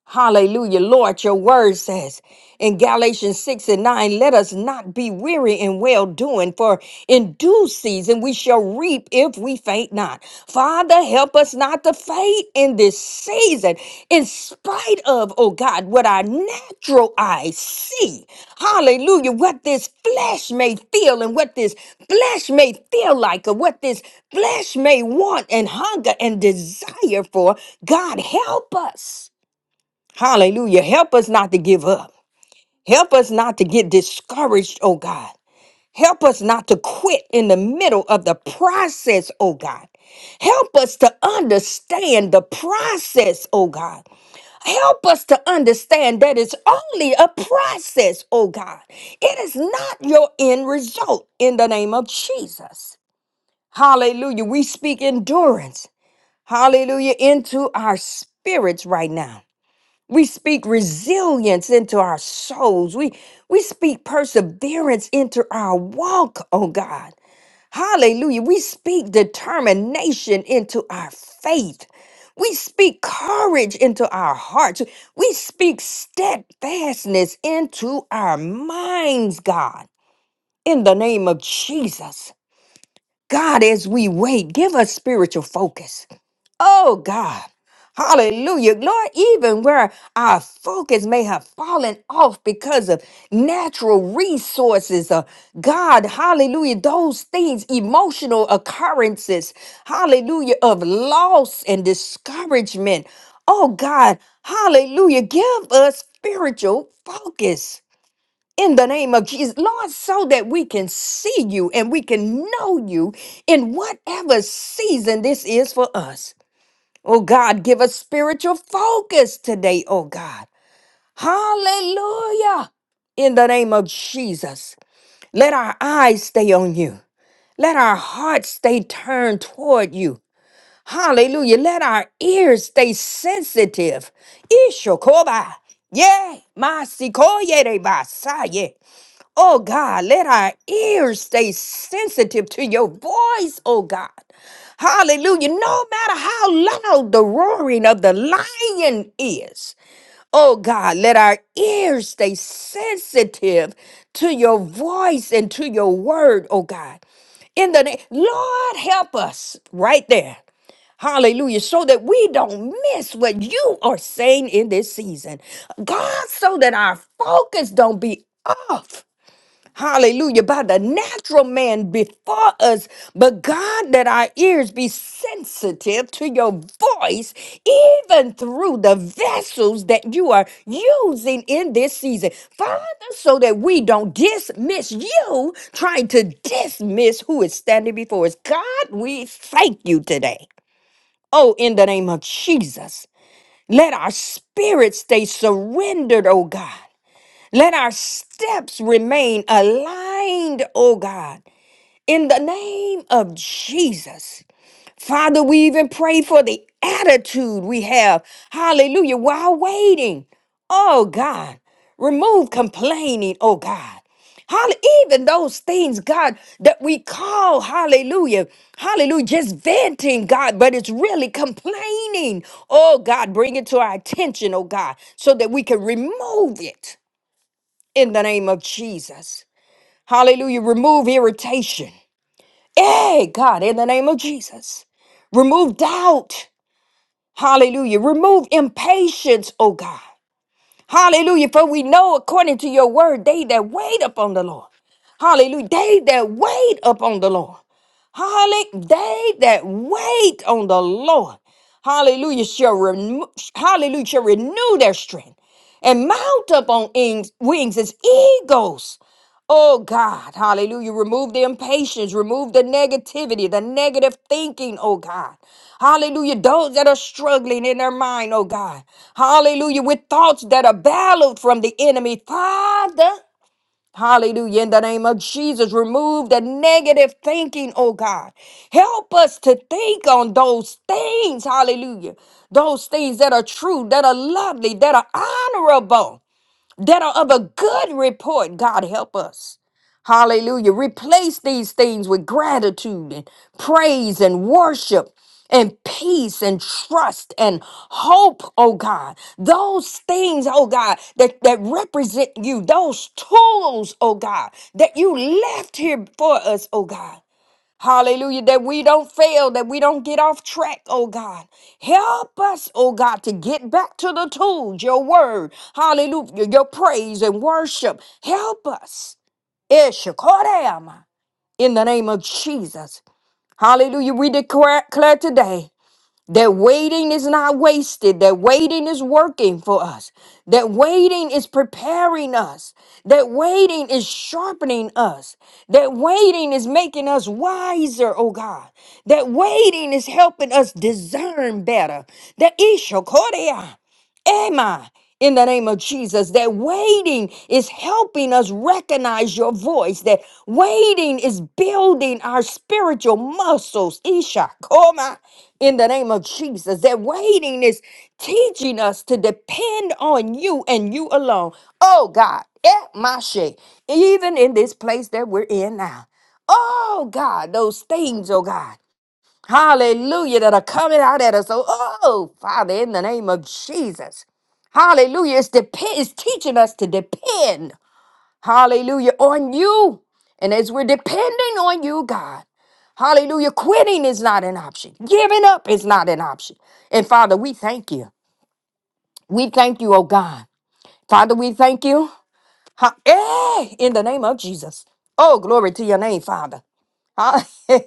C: Hallelujah. Lord, your word says in Galatians 6 and 9, let us not be weary in well doing, for in due season we shall reap if we faint not. Father, help us not to faint in this season, in spite of, oh God, what our natural eyes see. Hallelujah. What this flesh may feel and what this flesh may feel like, or what this flesh may want and hunger and desire for. God, help us. Hallelujah. Help us not to give up. Help us not to get discouraged, oh God. Help us not to quit in the middle of the process, oh God. Help us to understand the process, oh God. Help us to understand that it's only a process, oh God. It is not your end result in the name of Jesus. Hallelujah. We speak endurance. Hallelujah. Into our spirits right now. We speak resilience into our souls. We we speak perseverance into our walk, oh God. Hallelujah. We speak determination into our faith. We speak courage into our hearts. We speak steadfastness into our minds, God. In the name of Jesus. God, as we wait, give us spiritual focus. Oh God. Hallelujah. Lord, even where our focus may have fallen off because of natural resources, uh, God, hallelujah, those things, emotional occurrences, hallelujah, of loss and discouragement. Oh God, hallelujah, give us spiritual focus in the name of Jesus, Lord, so that we can see you and we can know you in whatever season this is for us. Oh God, give us spiritual focus today, oh God. Hallelujah. In the name of Jesus, let our eyes stay on you. Let our hearts stay turned toward you. Hallelujah. Let our ears stay sensitive. Ishokoba. Yeah. Masikoye Oh God, let our ears stay sensitive to your voice, oh God. Hallelujah. No matter how loud the roaring of the lion is, oh God, let our ears stay sensitive to your voice and to your word, oh God. In the name, Lord, help us right there. Hallelujah. So that we don't miss what you are saying in this season. God, so that our focus don't be off. Hallelujah. By the natural man before us, but God, that our ears be sensitive to your voice, even through the vessels that you are using in this season. Father, so that we don't dismiss you, trying to dismiss who is standing before us. God, we thank you today. Oh, in the name of Jesus, let our spirit stay surrendered, oh God. Let our steps remain aligned, oh God, in the name of Jesus. Father, we even pray for the attitude we have, hallelujah, while waiting. Oh God, remove complaining, oh God. Holly, even those things, God, that we call, hallelujah, hallelujah, just venting, God, but it's really complaining. Oh, God, bring it to our attention, oh, God, so that we can remove it in the name of Jesus. Hallelujah. Remove irritation. Hey, God, in the name of Jesus. Remove doubt. Hallelujah. Remove impatience, oh God. Hallelujah. For we know, according to your word, they that wait upon the Lord. Hallelujah. They that wait upon the Lord. Holly, they that wait on the Lord, hallelujah, shall renew, hallelujah, shall renew their strength and mount up on ings- wings as eagles. Oh God, hallelujah. Remove the impatience, remove the negativity, the negative thinking, oh God. Hallelujah. Those that are struggling in their mind, oh God. Hallelujah. With thoughts that are battled from the enemy, Father. Hallelujah. In the name of Jesus, remove the negative thinking, oh God. Help us to think on those things, hallelujah. Those things that are true, that are lovely, that are honorable that are of a good report. God help us. Hallelujah. Replace these things with gratitude and praise and worship and peace and trust and hope, oh God. Those things, oh God, that, that represent you, those tools, oh God, that you left here for us, oh God. Hallelujah. That we don't fail, that we don't get off track, oh God. Help us, oh God, to get back to the tools, your word. Hallelujah. Your praise and worship. Help us. Eshakodama. In the name of Jesus. Hallelujah. We declare declare today. That waiting is not wasted. That waiting is working for us. That waiting is preparing us. That waiting is sharpening us. That waiting is making us wiser, oh God. That waiting is helping us discern better. That Isha Am I? In the name of Jesus, that waiting is helping us recognize your voice, that waiting is building our spiritual muscles. Isha, Koma, in the name of Jesus, that waiting is teaching us to depend on you and you alone. Oh God, eh, Mashe, even in this place that we're in now. Oh God, those things, oh God. Hallelujah, that are coming out at us. So, oh, Father, in the name of Jesus. Hallelujah. It's, dep- it's teaching us to depend, hallelujah, on you. And as we're depending on you, God, hallelujah, quitting is not an option. Giving up is not an option. And Father, we thank you. We thank you, oh God. Father, we thank you. Ha- eh, in the name of Jesus. Oh, glory to your name, Father. Ah, *laughs*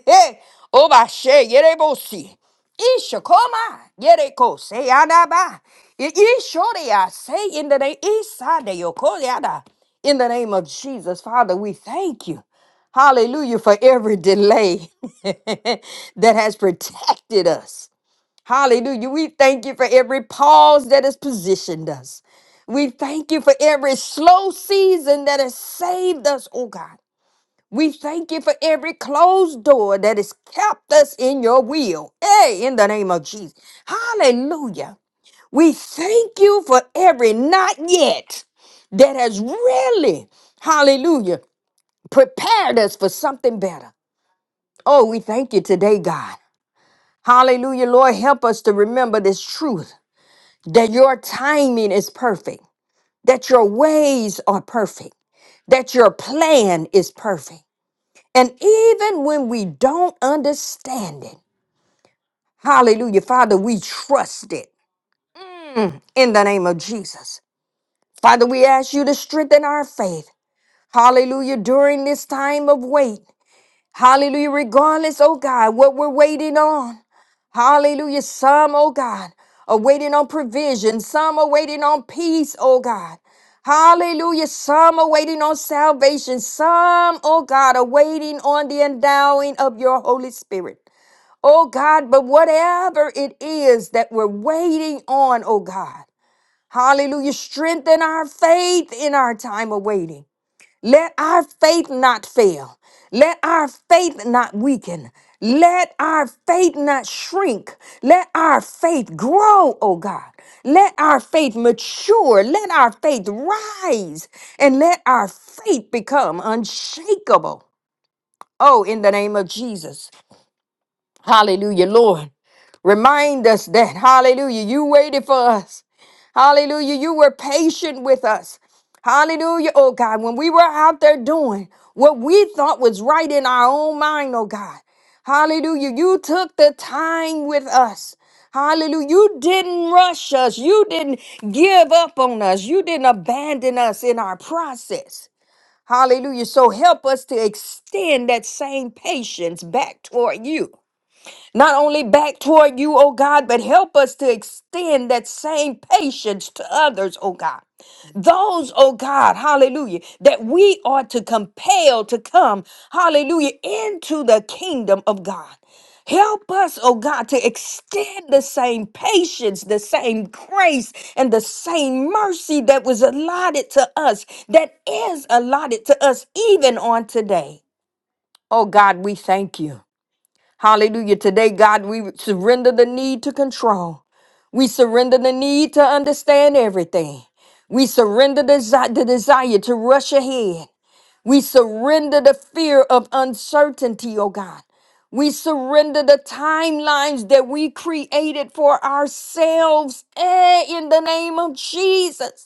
C: Oh, my shit, yere bosi. Isha, come on. I ko, say anaba. Ishori, I say in the name, Isade, yoko, yada. In the name of Jesus, Father, we thank you. Hallelujah for every delay *laughs* that has protected us. Hallelujah. We thank you for every pause that has positioned us. We thank you for every slow season that has saved us, oh God. We thank you for every closed door that has kept us in your will. Hey, in the name of Jesus. Hallelujah. We thank you for every not yet that has really, hallelujah, prepared us for something better. Oh, we thank you today, God. Hallelujah, Lord, help us to remember this truth that your timing is perfect, that your ways are perfect, that your plan is perfect. And even when we don't understand it, hallelujah, Father, we trust it in the name of Jesus. Father, we ask you to strengthen our faith, hallelujah, during this time of wait. Hallelujah, regardless, oh God, what we're waiting on. Hallelujah, some, oh God, are waiting on provision, some are waiting on peace, oh God. Hallelujah. Some are waiting on salvation. Some, oh God, are waiting on the endowing of your Holy Spirit. Oh God, but whatever it is that we're waiting on, oh God, hallelujah, strengthen our faith in our time of waiting. Let our faith not fail. Let our faith not weaken. Let our faith not shrink. Let our faith grow, oh God. Let our faith mature. Let our faith rise. And let our faith become unshakable. Oh, in the name of Jesus. Hallelujah, Lord. Remind us that, hallelujah, you waited for us. Hallelujah, you were patient with us. Hallelujah, oh God, when we were out there doing what we thought was right in our own mind, oh God. Hallelujah, you took the time with us. Hallelujah. You didn't rush us. You didn't give up on us. You didn't abandon us in our process. Hallelujah. So help us to extend that same patience back toward you not only back toward you, O God, but help us to extend that same patience to others, O God. Those, O God, hallelujah, that we are to compel to come, hallelujah, into the kingdom of God. Help us, oh God, to extend the same patience, the same grace, and the same mercy that was allotted to us, that is allotted to us even on today. Oh God, we thank you. Hallelujah. Today, God, we surrender the need to control. We surrender the need to understand everything. We surrender desi- the desire to rush ahead. We surrender the fear of uncertainty, oh God. We surrender the timelines that we created for ourselves eh, in the name of Jesus.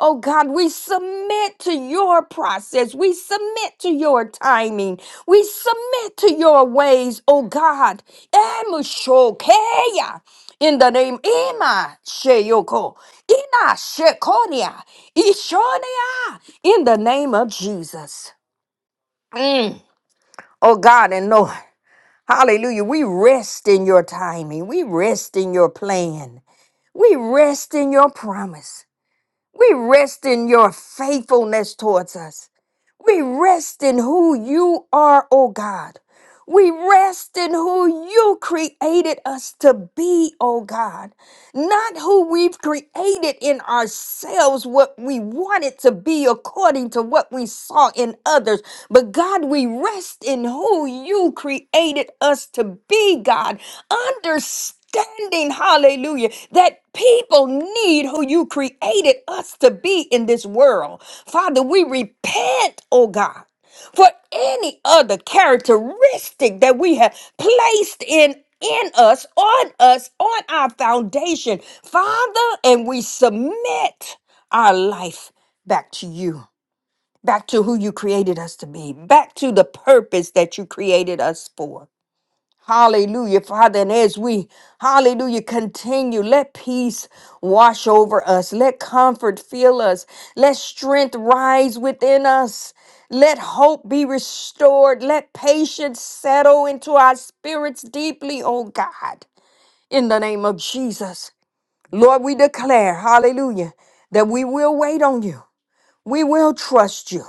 C: Oh God, we submit to your process. We submit to your timing. We submit to your ways, oh God. Emushokeya. In the name Ima Sheyoko. Ina Shekoria. Ishonia. In the name of Jesus. Mm. Oh God and Lord. Hallelujah. We rest in your timing. We rest in your plan. We rest in your promise. We rest in your faithfulness towards us. We rest in who you are, O God. We rest in who you created us to be, O God not who we've created in ourselves, what we want it to be according to what we saw in others. But God, we rest in who you created us to be, God. Understanding, hallelujah, that people need who you created us to be in this world. Father, we repent, oh God for any other characteristic that we have placed in in us on us on our foundation father and we submit our life back to you back to who you created us to be back to the purpose that you created us for Hallelujah, Father. And as we, hallelujah, continue, let peace wash over us. Let comfort fill us. Let strength rise within us. Let hope be restored. Let patience settle into our spirits deeply, oh God, in the name of Jesus. Lord, we declare, hallelujah, that we will wait on you. We will trust you.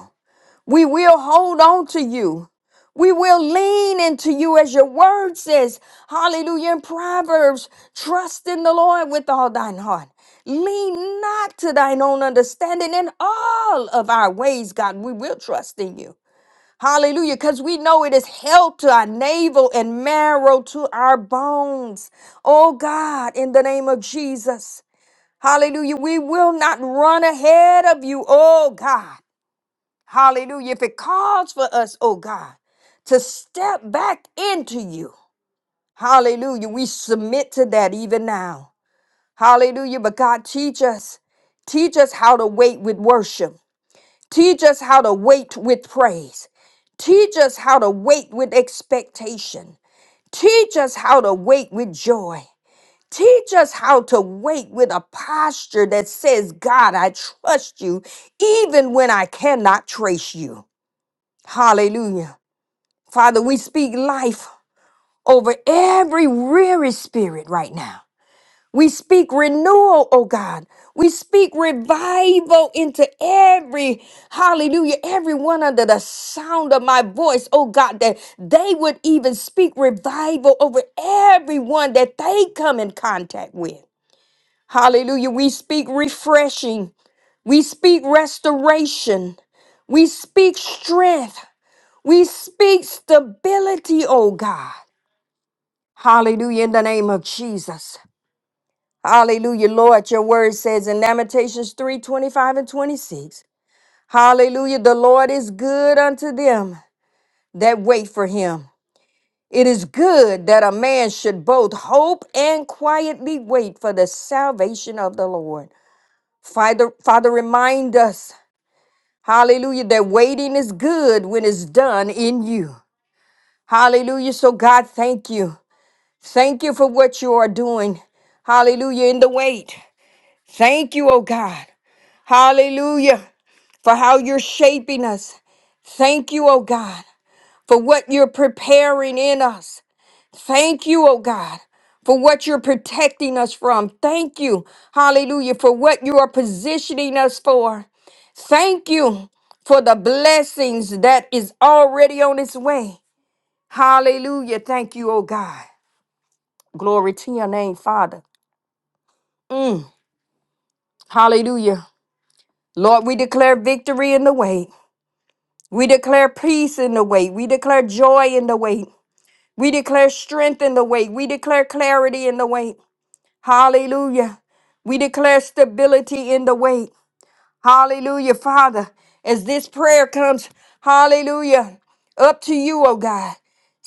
C: We will hold on to you. We will lean into you as your word says. Hallelujah. In Proverbs, trust in the Lord with all thine heart. Lean not to thine own understanding in all of our ways, God. We will trust in you. Hallelujah. Because we know it is health to our navel and marrow to our bones. Oh God, in the name of Jesus. Hallelujah. We will not run ahead of you, oh God. Hallelujah. If it calls for us, oh God, to step back into you. Hallelujah. We submit to that even now. Hallelujah. But God, teach us. Teach us how to wait with worship. Teach us how to wait with praise. Teach us how to wait with expectation. Teach us how to wait with joy. Teach us how to wait with a posture that says, God, I trust you even when I cannot trace you. Hallelujah. Father, we speak life over every weary spirit right now. We speak renewal, oh God. We speak revival into every, hallelujah, everyone under the sound of my voice, oh God, that they would even speak revival over everyone that they come in contact with. Hallelujah. We speak refreshing. We speak restoration. We speak strength. We speak stability, oh God. Hallelujah in the name of Jesus. Hallelujah, Lord. Your word says in Lamentations 3 25 and 26. Hallelujah. The Lord is good unto them that wait for him. It is good that a man should both hope and quietly wait for the salvation of the Lord. Father, Father, remind us, hallelujah, that waiting is good when it's done in you. Hallelujah. So, God, thank you. Thank you for what you are doing. Hallelujah. In the wait. Thank you, oh God. Hallelujah. For how you're shaping us. Thank you, oh God, for what you're preparing in us. Thank you, oh God, for what you're protecting us from. Thank you, hallelujah, for what you are positioning us for. Thank you for the blessings that is already on its way. Hallelujah. Thank you, oh God. Glory to your name, Father. Mm. Hallelujah. Lord, we declare victory in the way. We declare peace in the wait. We declare joy in the wait. We declare strength in the wait. We declare clarity in the wait. Hallelujah. We declare stability in the wait. Hallelujah, Father. As this prayer comes, hallelujah, up to you, oh God.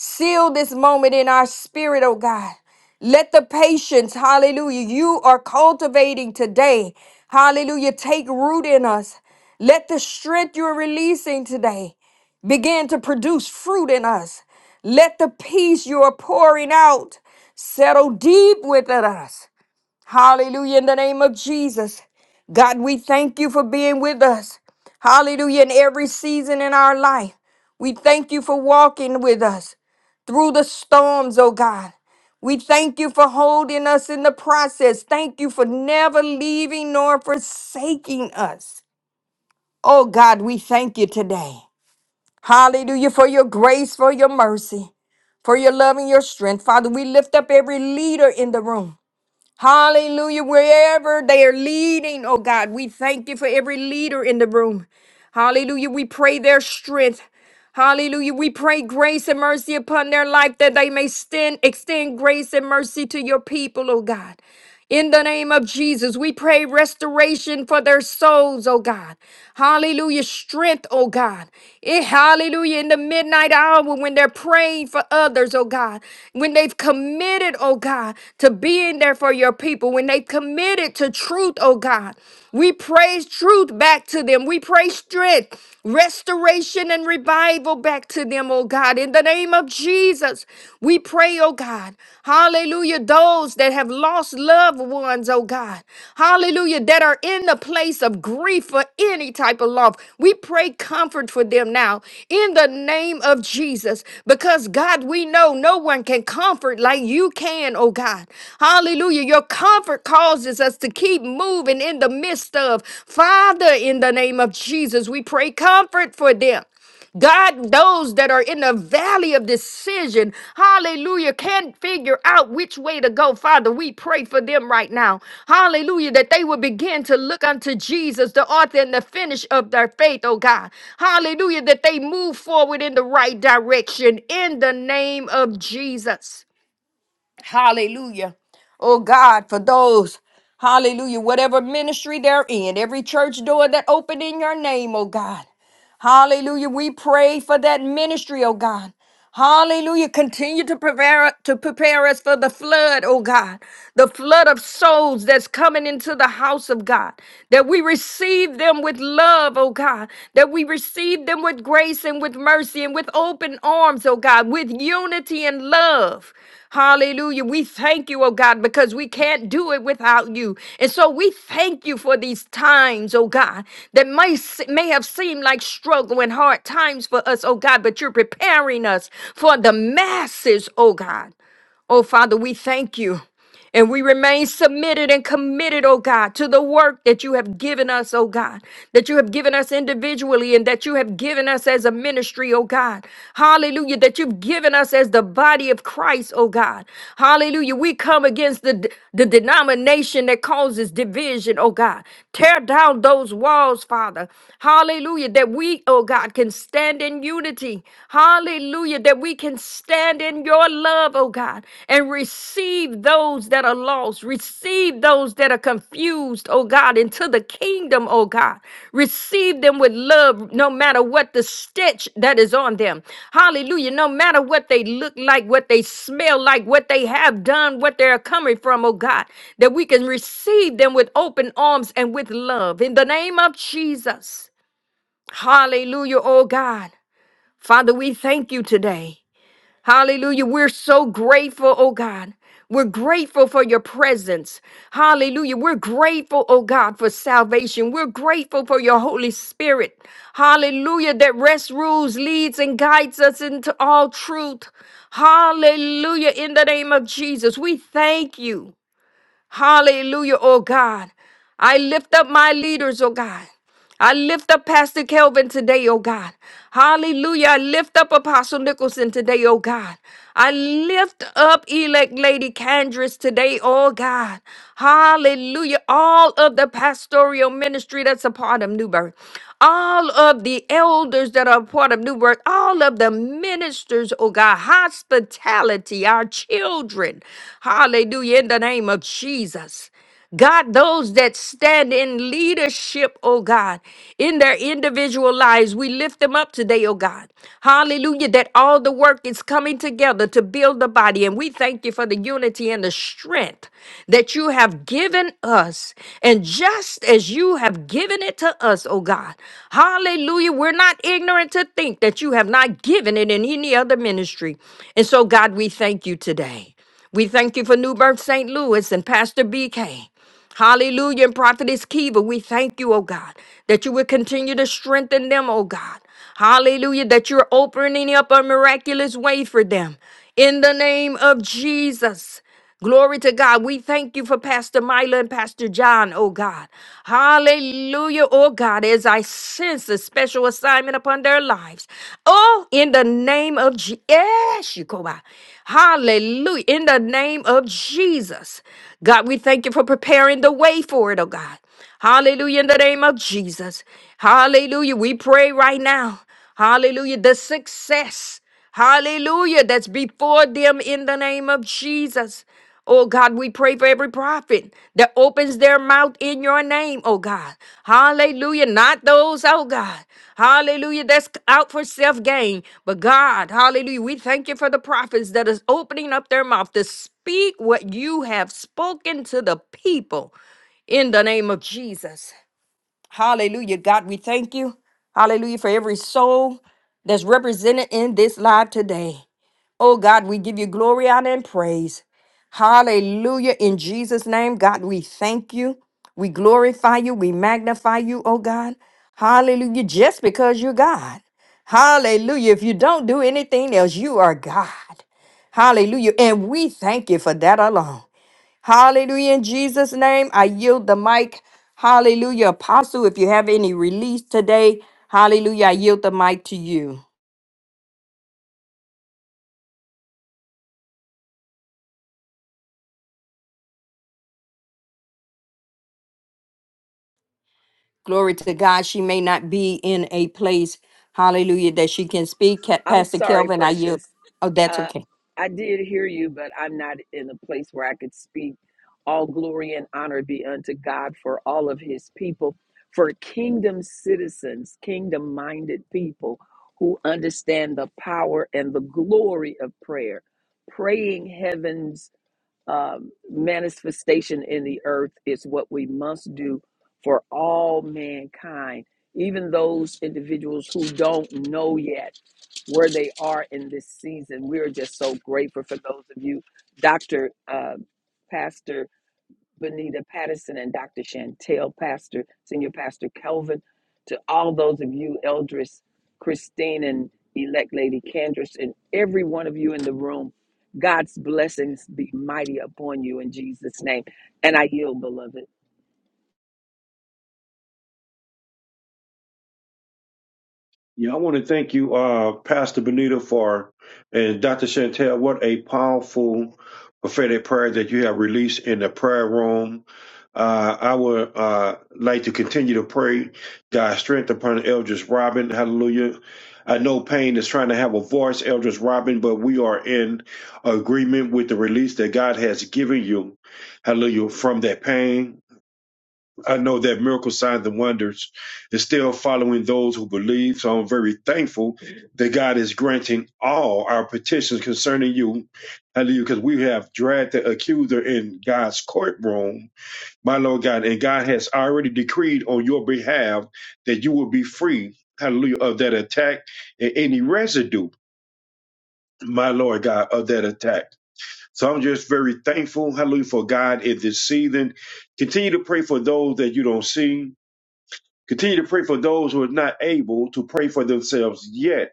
C: Seal this moment in our spirit, oh God. Let the patience, hallelujah, you are cultivating today, hallelujah, take root in us. Let the strength you're releasing today begin to produce fruit in us. Let the peace you are pouring out settle deep within us. Hallelujah. In the name of Jesus. God, we thank you for being with us. Hallelujah. In every season in our life, we thank you for walking with us through the storms, oh God. We thank you for holding us in the process. Thank you for never leaving nor forsaking us. Oh God, we thank you today. Hallelujah for your grace, for your mercy, for your love and your strength. Father, we lift up every leader in the room. Hallelujah. Wherever they are leading, oh God, we thank you for every leader in the room. Hallelujah. We pray their strength. Hallelujah. We pray grace and mercy upon their life that they may stand, extend grace and mercy to your people, oh God. In the name of Jesus, we pray restoration for their souls, oh God. Hallelujah. Strength, oh God. Eh, hallelujah. In the midnight hour when they're praying for others, oh God. When they've committed, oh God, to being there for your people. When they've committed to truth, oh God. We praise truth back to them. We pray strength, restoration, and revival back to them, oh God. God, in the name of Jesus. We pray, oh God, hallelujah, those that have lost loved ones, oh God, hallelujah, that are in the place of grief for any type of love, We pray comfort for them now in the name of Jesus because, God, we know no one can comfort like you can, oh God. Hallelujah. Your comfort causes us to keep moving in the midst of, Father, in the name of Jesus, we pray comfort for them. God, those that are in the valley of decision, hallelujah, can't figure out which way to go. Father, we pray for them right now. Hallelujah, that they will begin to look unto Jesus, the author and the finish of their faith, oh God. Hallelujah, that they move forward in the right direction in the name of Jesus. Hallelujah. Oh God, for those Hallelujah. Whatever ministry they're in, every church door that open in your name, oh God. Hallelujah. We pray for that ministry, oh God. Hallelujah. Continue to prepare to prepare us for the flood, oh God. The flood of souls that's coming into the house of God. That we receive them with love, oh God. That we receive them with grace and with mercy and with open arms, oh God, with unity and love. Hallelujah. We thank you, oh God, because we can't do it without you. And so we thank you for these times, oh God, that may, se- may have seemed like like struggle and hard times for us, oh God, but you're preparing us for the masses, oh God. Oh Father, we thank you. And we remain submitted and committed, oh God, to the work that you have given us, oh God, that you have given us individually and that you have given us as a ministry, oh God. Hallelujah, that you've given us as the body of Christ, oh God. Hallelujah, we come against the, the denomination that causes division, oh God. Tear down those walls, Father. Hallelujah. Hallelujah. That we, oh God, can stand in unity. Hallelujah. That we can stand in your love, oh God, and receive those that are lost. Receive those that are confused, oh God, into the kingdom, oh God. Receive them with love, no matter what the stitch that is on them. Hallelujah. No matter what they look like, what they smell like, what they have done, what they're coming from, oh God, that we can receive them with open arms and with love. In the name of Jesus. Hallelujah, oh God. Father, we thank you today. Hallelujah. We're so grateful, oh God. We're grateful for your presence. Hallelujah. We're grateful, oh God, for salvation. We're grateful for your Holy Spirit. Hallelujah. That rests, rules, leads, and guides us into all truth. Hallelujah. In the name of Jesus, we thank you. Hallelujah, oh God. I lift up my leaders, oh God. I lift up Pastor Kelvin today, oh God. Hallelujah. I lift up Apostle Nicholson today, oh God. I lift up elect Lady Candris today, oh God. Hallelujah. All of the pastoral ministry that's a part of New Birth all of the elders that are part of New Work, all of the ministers, oh God, hospitality, our children. Hallelujah, in the name of Jesus. God, those that stand in leadership, oh God, in their individual lives, we lift them up today, oh God. Hallelujah, that all the work is coming together to build the body. And we thank you for the unity and the strength that you have have given us. And just as you have given it to us, oh God, hallelujah, we're not ignorant to think that you have not given it in any other ministry. And so, God, we thank you today. We thank you for New Birth St. Louis and Pastor BK. Hallelujah. And Prophetess Kiva, we thank you, oh God, that you would continue to strengthen them, oh God. Hallelujah. That you're opening up a miraculous way for them. In the name of Jesus. Glory to God. We thank you for Pastor Mila and Pastor John, oh God. Hallelujah, oh God, as I sense a special assignment upon their lives. Oh, in the name of Jesus. Hallelujah. In the name of Jesus. God, we thank you for preparing the way for it, oh God. Hallelujah. In the name of Jesus. Hallelujah. We pray right now. Hallelujah. The success. Hallelujah. That's before them in the name of Jesus. Oh God, we pray for every prophet that opens their mouth in your name, oh God. Hallelujah. Not those, oh God. Hallelujah. That's out for self gain. But God, hallelujah. We thank you for the prophets that is opening up their mouth to speak what you have spoken to the people in the name of Jesus. Hallelujah. God, we thank you. Hallelujah for every soul that's represented in this live today. Oh God, we give you glory, honor, and praise. Hallelujah. In Jesus' name, God, we thank you. We glorify you. We magnify you, oh God. Hallelujah. Just because you're God. Hallelujah. If you don't do anything else, you are God. Hallelujah. And we thank you for that alone. Hallelujah. In Jesus' name, I yield the mic. Hallelujah. Apostle, if you have any release today, hallelujah, I yield the mic to you. Glory to God. She may not be in a place, hallelujah, that she can speak. Ca-
D: I'm
C: Pastor
D: sorry,
C: Kelvin, I yield.
D: precious.
C: Oh, that's
D: Uh,
C: okay.
D: I did hear you, but I'm not in a place where I could speak. All glory and honor be unto God for all of his people, for kingdom citizens, kingdom minded people who understand the power and the glory of prayer. Praying heaven's um, manifestation in the earth is what we must do for all mankind, even those individuals who don't know yet where they are in this season. We are just so grateful for those of you, Dr. Uh, Pastor Benita Patterson and Dr. Chantel Pastor, Senior Pastor Kelvin, to all those of you, Eldris, Christine, and elect Lady Candace, and every one of you in the room. God's blessings be mighty upon you in Jesus' name. And I yield, beloved.
A: Yeah, I want to thank you, uh, Pastor Benita, for and Dr. Chantel. What a powerful prophetic prayer that you have released in the prayer room. Uh, I would uh, like to continue to pray God's strength upon Eldris Robin. Hallelujah. I know pain is trying to have a voice, Eldris Robin, but we are in agreement with the release that God has given you. Hallelujah. From that pain. I know that miracle signs and wonders is still following those who believe. So I'm very thankful that God is granting all our petitions concerning you. Hallelujah. Because we have dragged the accuser in God's courtroom, my Lord God. And God has already decreed on your behalf that you will be free, hallelujah, of that attack and any residue, my Lord God, of that attack. So I'm just very thankful, hallelujah, for God in this season. Continue to pray for those that you don't see Continue to pray for those who are not able to pray for themselves yet.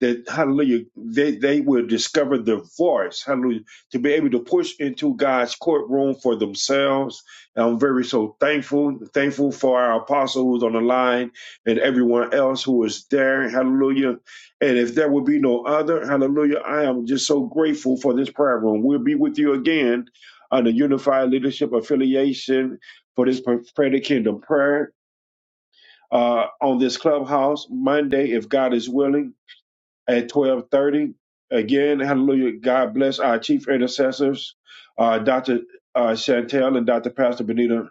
A: That hallelujah, they, they will discover the voice, hallelujah, to be able to push into God's courtroom for themselves. And I'm very so thankful, thankful for our apostle who's on the line and everyone else who is there, hallelujah. And if there would be no other, hallelujah, I am just so grateful for this prayer room. We'll be with you again on the Unified Leadership Affiliation for this prophetic kingdom prayer uh, on this clubhouse Monday, if God is willing, at twelve thirty. Again, Hallelujah! God bless our chief intercessors, uh, Doctor uh, Chantel and Doctor Pastor Benita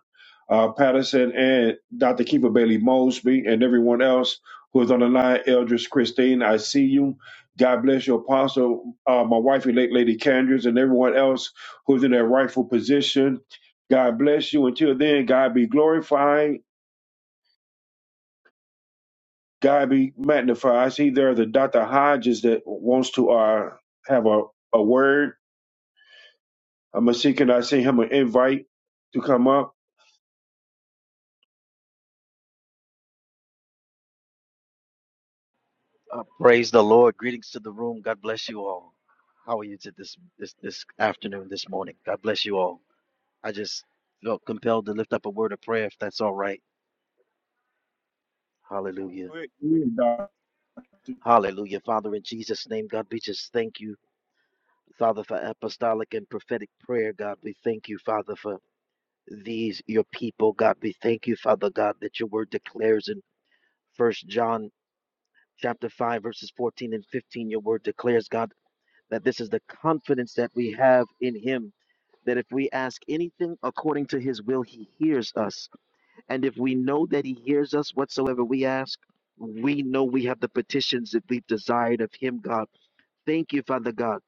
A: uh, Patterson and Doctor Keeper Bailey Mosby and everyone else who is on the line. Eldris Christine, I see you. God bless your apostle, uh, my wife, late Lady Candres, and everyone else who's in their rightful position. God bless you. Until then, God be glorified. God be magnified. I see there the Dr. Hodges that wants to uh, have a, a word. I'm going to see, can I send him an invite to come up?
E: Uh, praise the Lord. Greetings to the room. God bless you all. How are you to this this this afternoon, this morning? God bless you all. I just felt compelled to lift up a word of prayer, if that's all right. Hallelujah.
A: Go ahead,
E: Hallelujah. Father, in Jesus' name, God, we just thank you, Father, for apostolic and prophetic prayer, God. We thank you, Father, for these your people, God. We thank you, Father God, that your word declares in first John chapter five, verses fourteen and fifteen, your word declares, God, that this is the confidence that we have in him that if we ask anything according to his will, he hears us. And if we know that he hears us whatsoever we ask, we know we have the petitions that we've desired of him, God. Thank you, Father God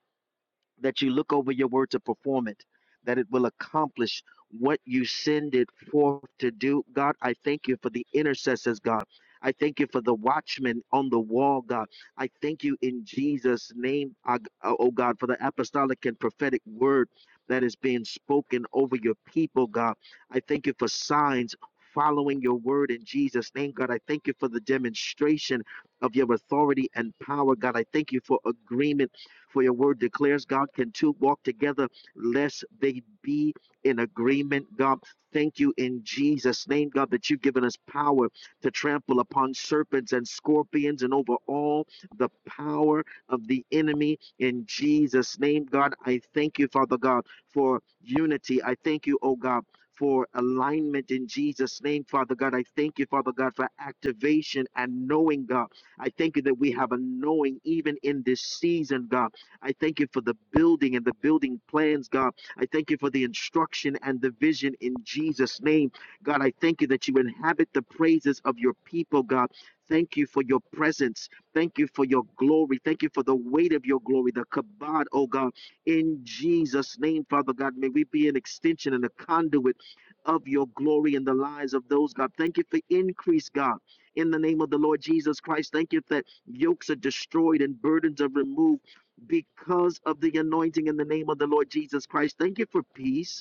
E: that you look over your word to perform it, that it will accomplish what you send it forth to do. God, I thank you for the intercessors, God. I thank you for the watchmen on the wall, God. I thank you in Jesus' name, I- oh God, for the apostolic and prophetic word that is being spoken over your people, God. I thank you for signs following your word in Jesus' name, God. I thank you for the demonstration of your authority and power, God. I thank you for agreement for your word declares, God, can two walk together lest they be in agreement, God. Thank you in Jesus' name, God, that you've given us power to trample upon serpents and scorpions and over all the power of the enemy. In Jesus' name, God, I thank you, Father God, for unity. I thank you, oh God. For alignment in Jesus' name, Father God. I thank you, Father God, for activation and knowing, God. I thank you that we have a knowing even in this season, God. I thank you for the building and the building plans, God. I thank you for the instruction and the vision in Jesus' name. God, I thank you that you inhabit the praises of your people, God. Thank you for your presence. Thank you for your glory. Thank you for the weight of your glory, the kabod, oh God. In Jesus' name, Father God, may we be an extension and a conduit of your glory in the lives of those, God. Thank you for increase, God. In the name of the Lord Jesus Christ, thank you that yokes are destroyed and burdens are removed because of the anointing in the name of the Lord Jesus Christ. Thank you for peace.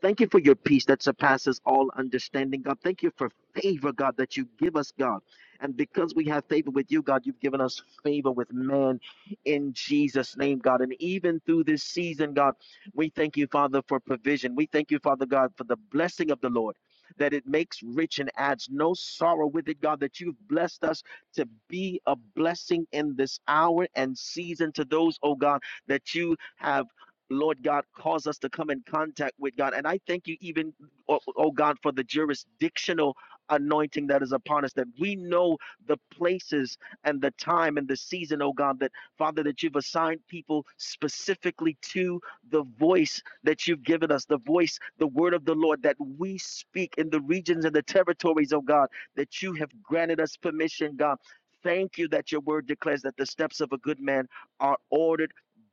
E: Thank you for your peace that surpasses all understanding, God. Thank you for favor, God, that you give us, God. And because we have favor with you, God, you've given us favor with man in Jesus' name, God. And even through this season, God, we thank you, Father, for provision. We thank you, Father God, for the blessing of the Lord. That it makes rich and adds no sorrow with it, God, that you've blessed us to be a blessing in this hour and season to those, oh God, that you have Lord God, cause us to come in contact with God. And I thank you, even, oh, oh God, for the jurisdictional anointing that is upon us, that we know the places and the time and the season, oh God, that Father, that you've assigned people specifically to the voice that you've given us, the voice, the word of the Lord that we speak in the regions and the territories, oh God, that you have granted us permission, God. Thank you that your word declares that the steps of a good man are ordered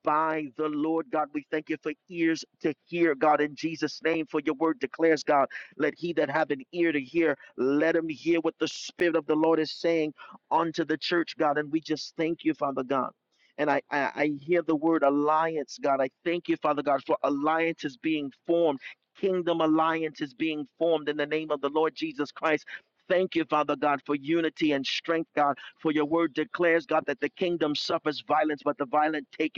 E: by the Lord God. We thank you for ears to hear, God, in Jesus' name, for your word declares, God, let he that have an ear to hear, let him hear what the Spirit of the Lord is saying unto the church, God. And we just thank you, Father God. And I, I, I hear the word alliance, God. I thank you, Father God, for alliance is being formed. Kingdom alliance is being formed in the name of the Lord Jesus Christ. Thank you, Father God, for unity and strength, God. For your word declares, God, that the kingdom suffers violence, but the violent take it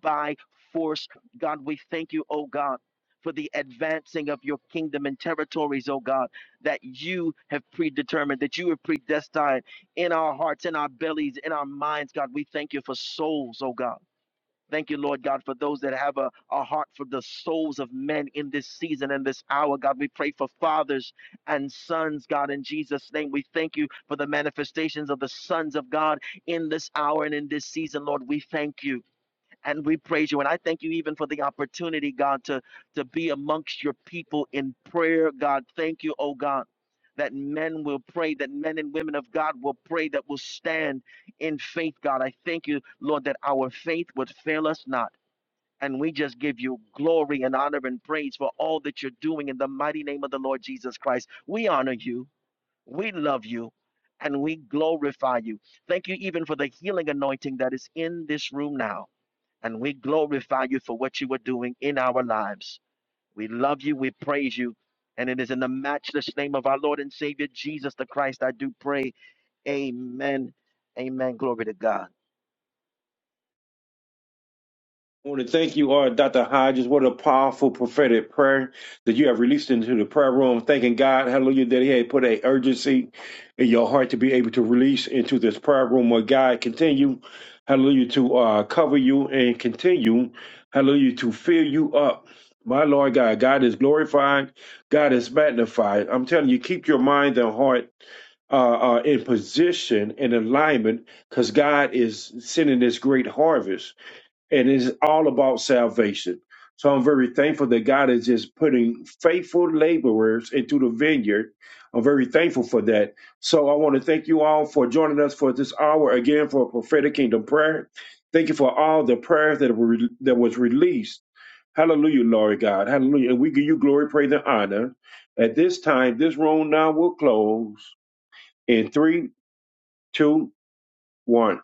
E: by force. God, we thank you, oh God. For the advancing of your kingdom and territories, oh God, that you have predetermined, that you have predestined in our hearts, in our bellies, in our minds, God. We thank you for souls, oh God. Thank you, Lord God, for those that have a, a heart for the souls of men in this season and this hour. God, we pray for fathers and sons, God, in Jesus' name. We thank you for the manifestations of the sons of God in this hour and in this season, Lord. We thank you. And we praise you. And I thank you even for the opportunity, God, to, to be amongst your people in prayer. God, thank you, oh God, that men will pray, that men and women of God will pray, that will stand in faith, God. I thank you, Lord, that our faith would fail us not. And we just give you glory and honor and praise for all that you're doing in the mighty name of the Lord Jesus Christ. We honor you, we love you, and we glorify you. Thank you even for the healing anointing that is in this room now and we glorify you for what you are doing in our lives. We love you, we praise you, and it is in the matchless name of our Lord and Savior Jesus the Christ I do pray. Amen. Amen. Glory to God.
A: I want to thank you, uh, Dr. Hodges. What a powerful prophetic prayer that you have released into the prayer room. Thanking God, hallelujah, that He had put a urgency in your heart to be able to release into this prayer room where God continue, hallelujah, to uh, cover you and continue, hallelujah, to fill you up. My Lord God, God is glorified, God is magnified. I'm telling you, keep your mind and heart uh, uh, in position and alignment because God is sending this great harvest and it's all about salvation. So I'm very thankful that God is just putting faithful laborers into the vineyard. I'm very thankful for that. So I want to thank you all for joining us for this hour again for prophetic kingdom prayer. Thank you for all the prayers that were that was released. Hallelujah, Lord God. Hallelujah. And we give you glory, praise, and honor. At this time, this room now will close in three, two, one.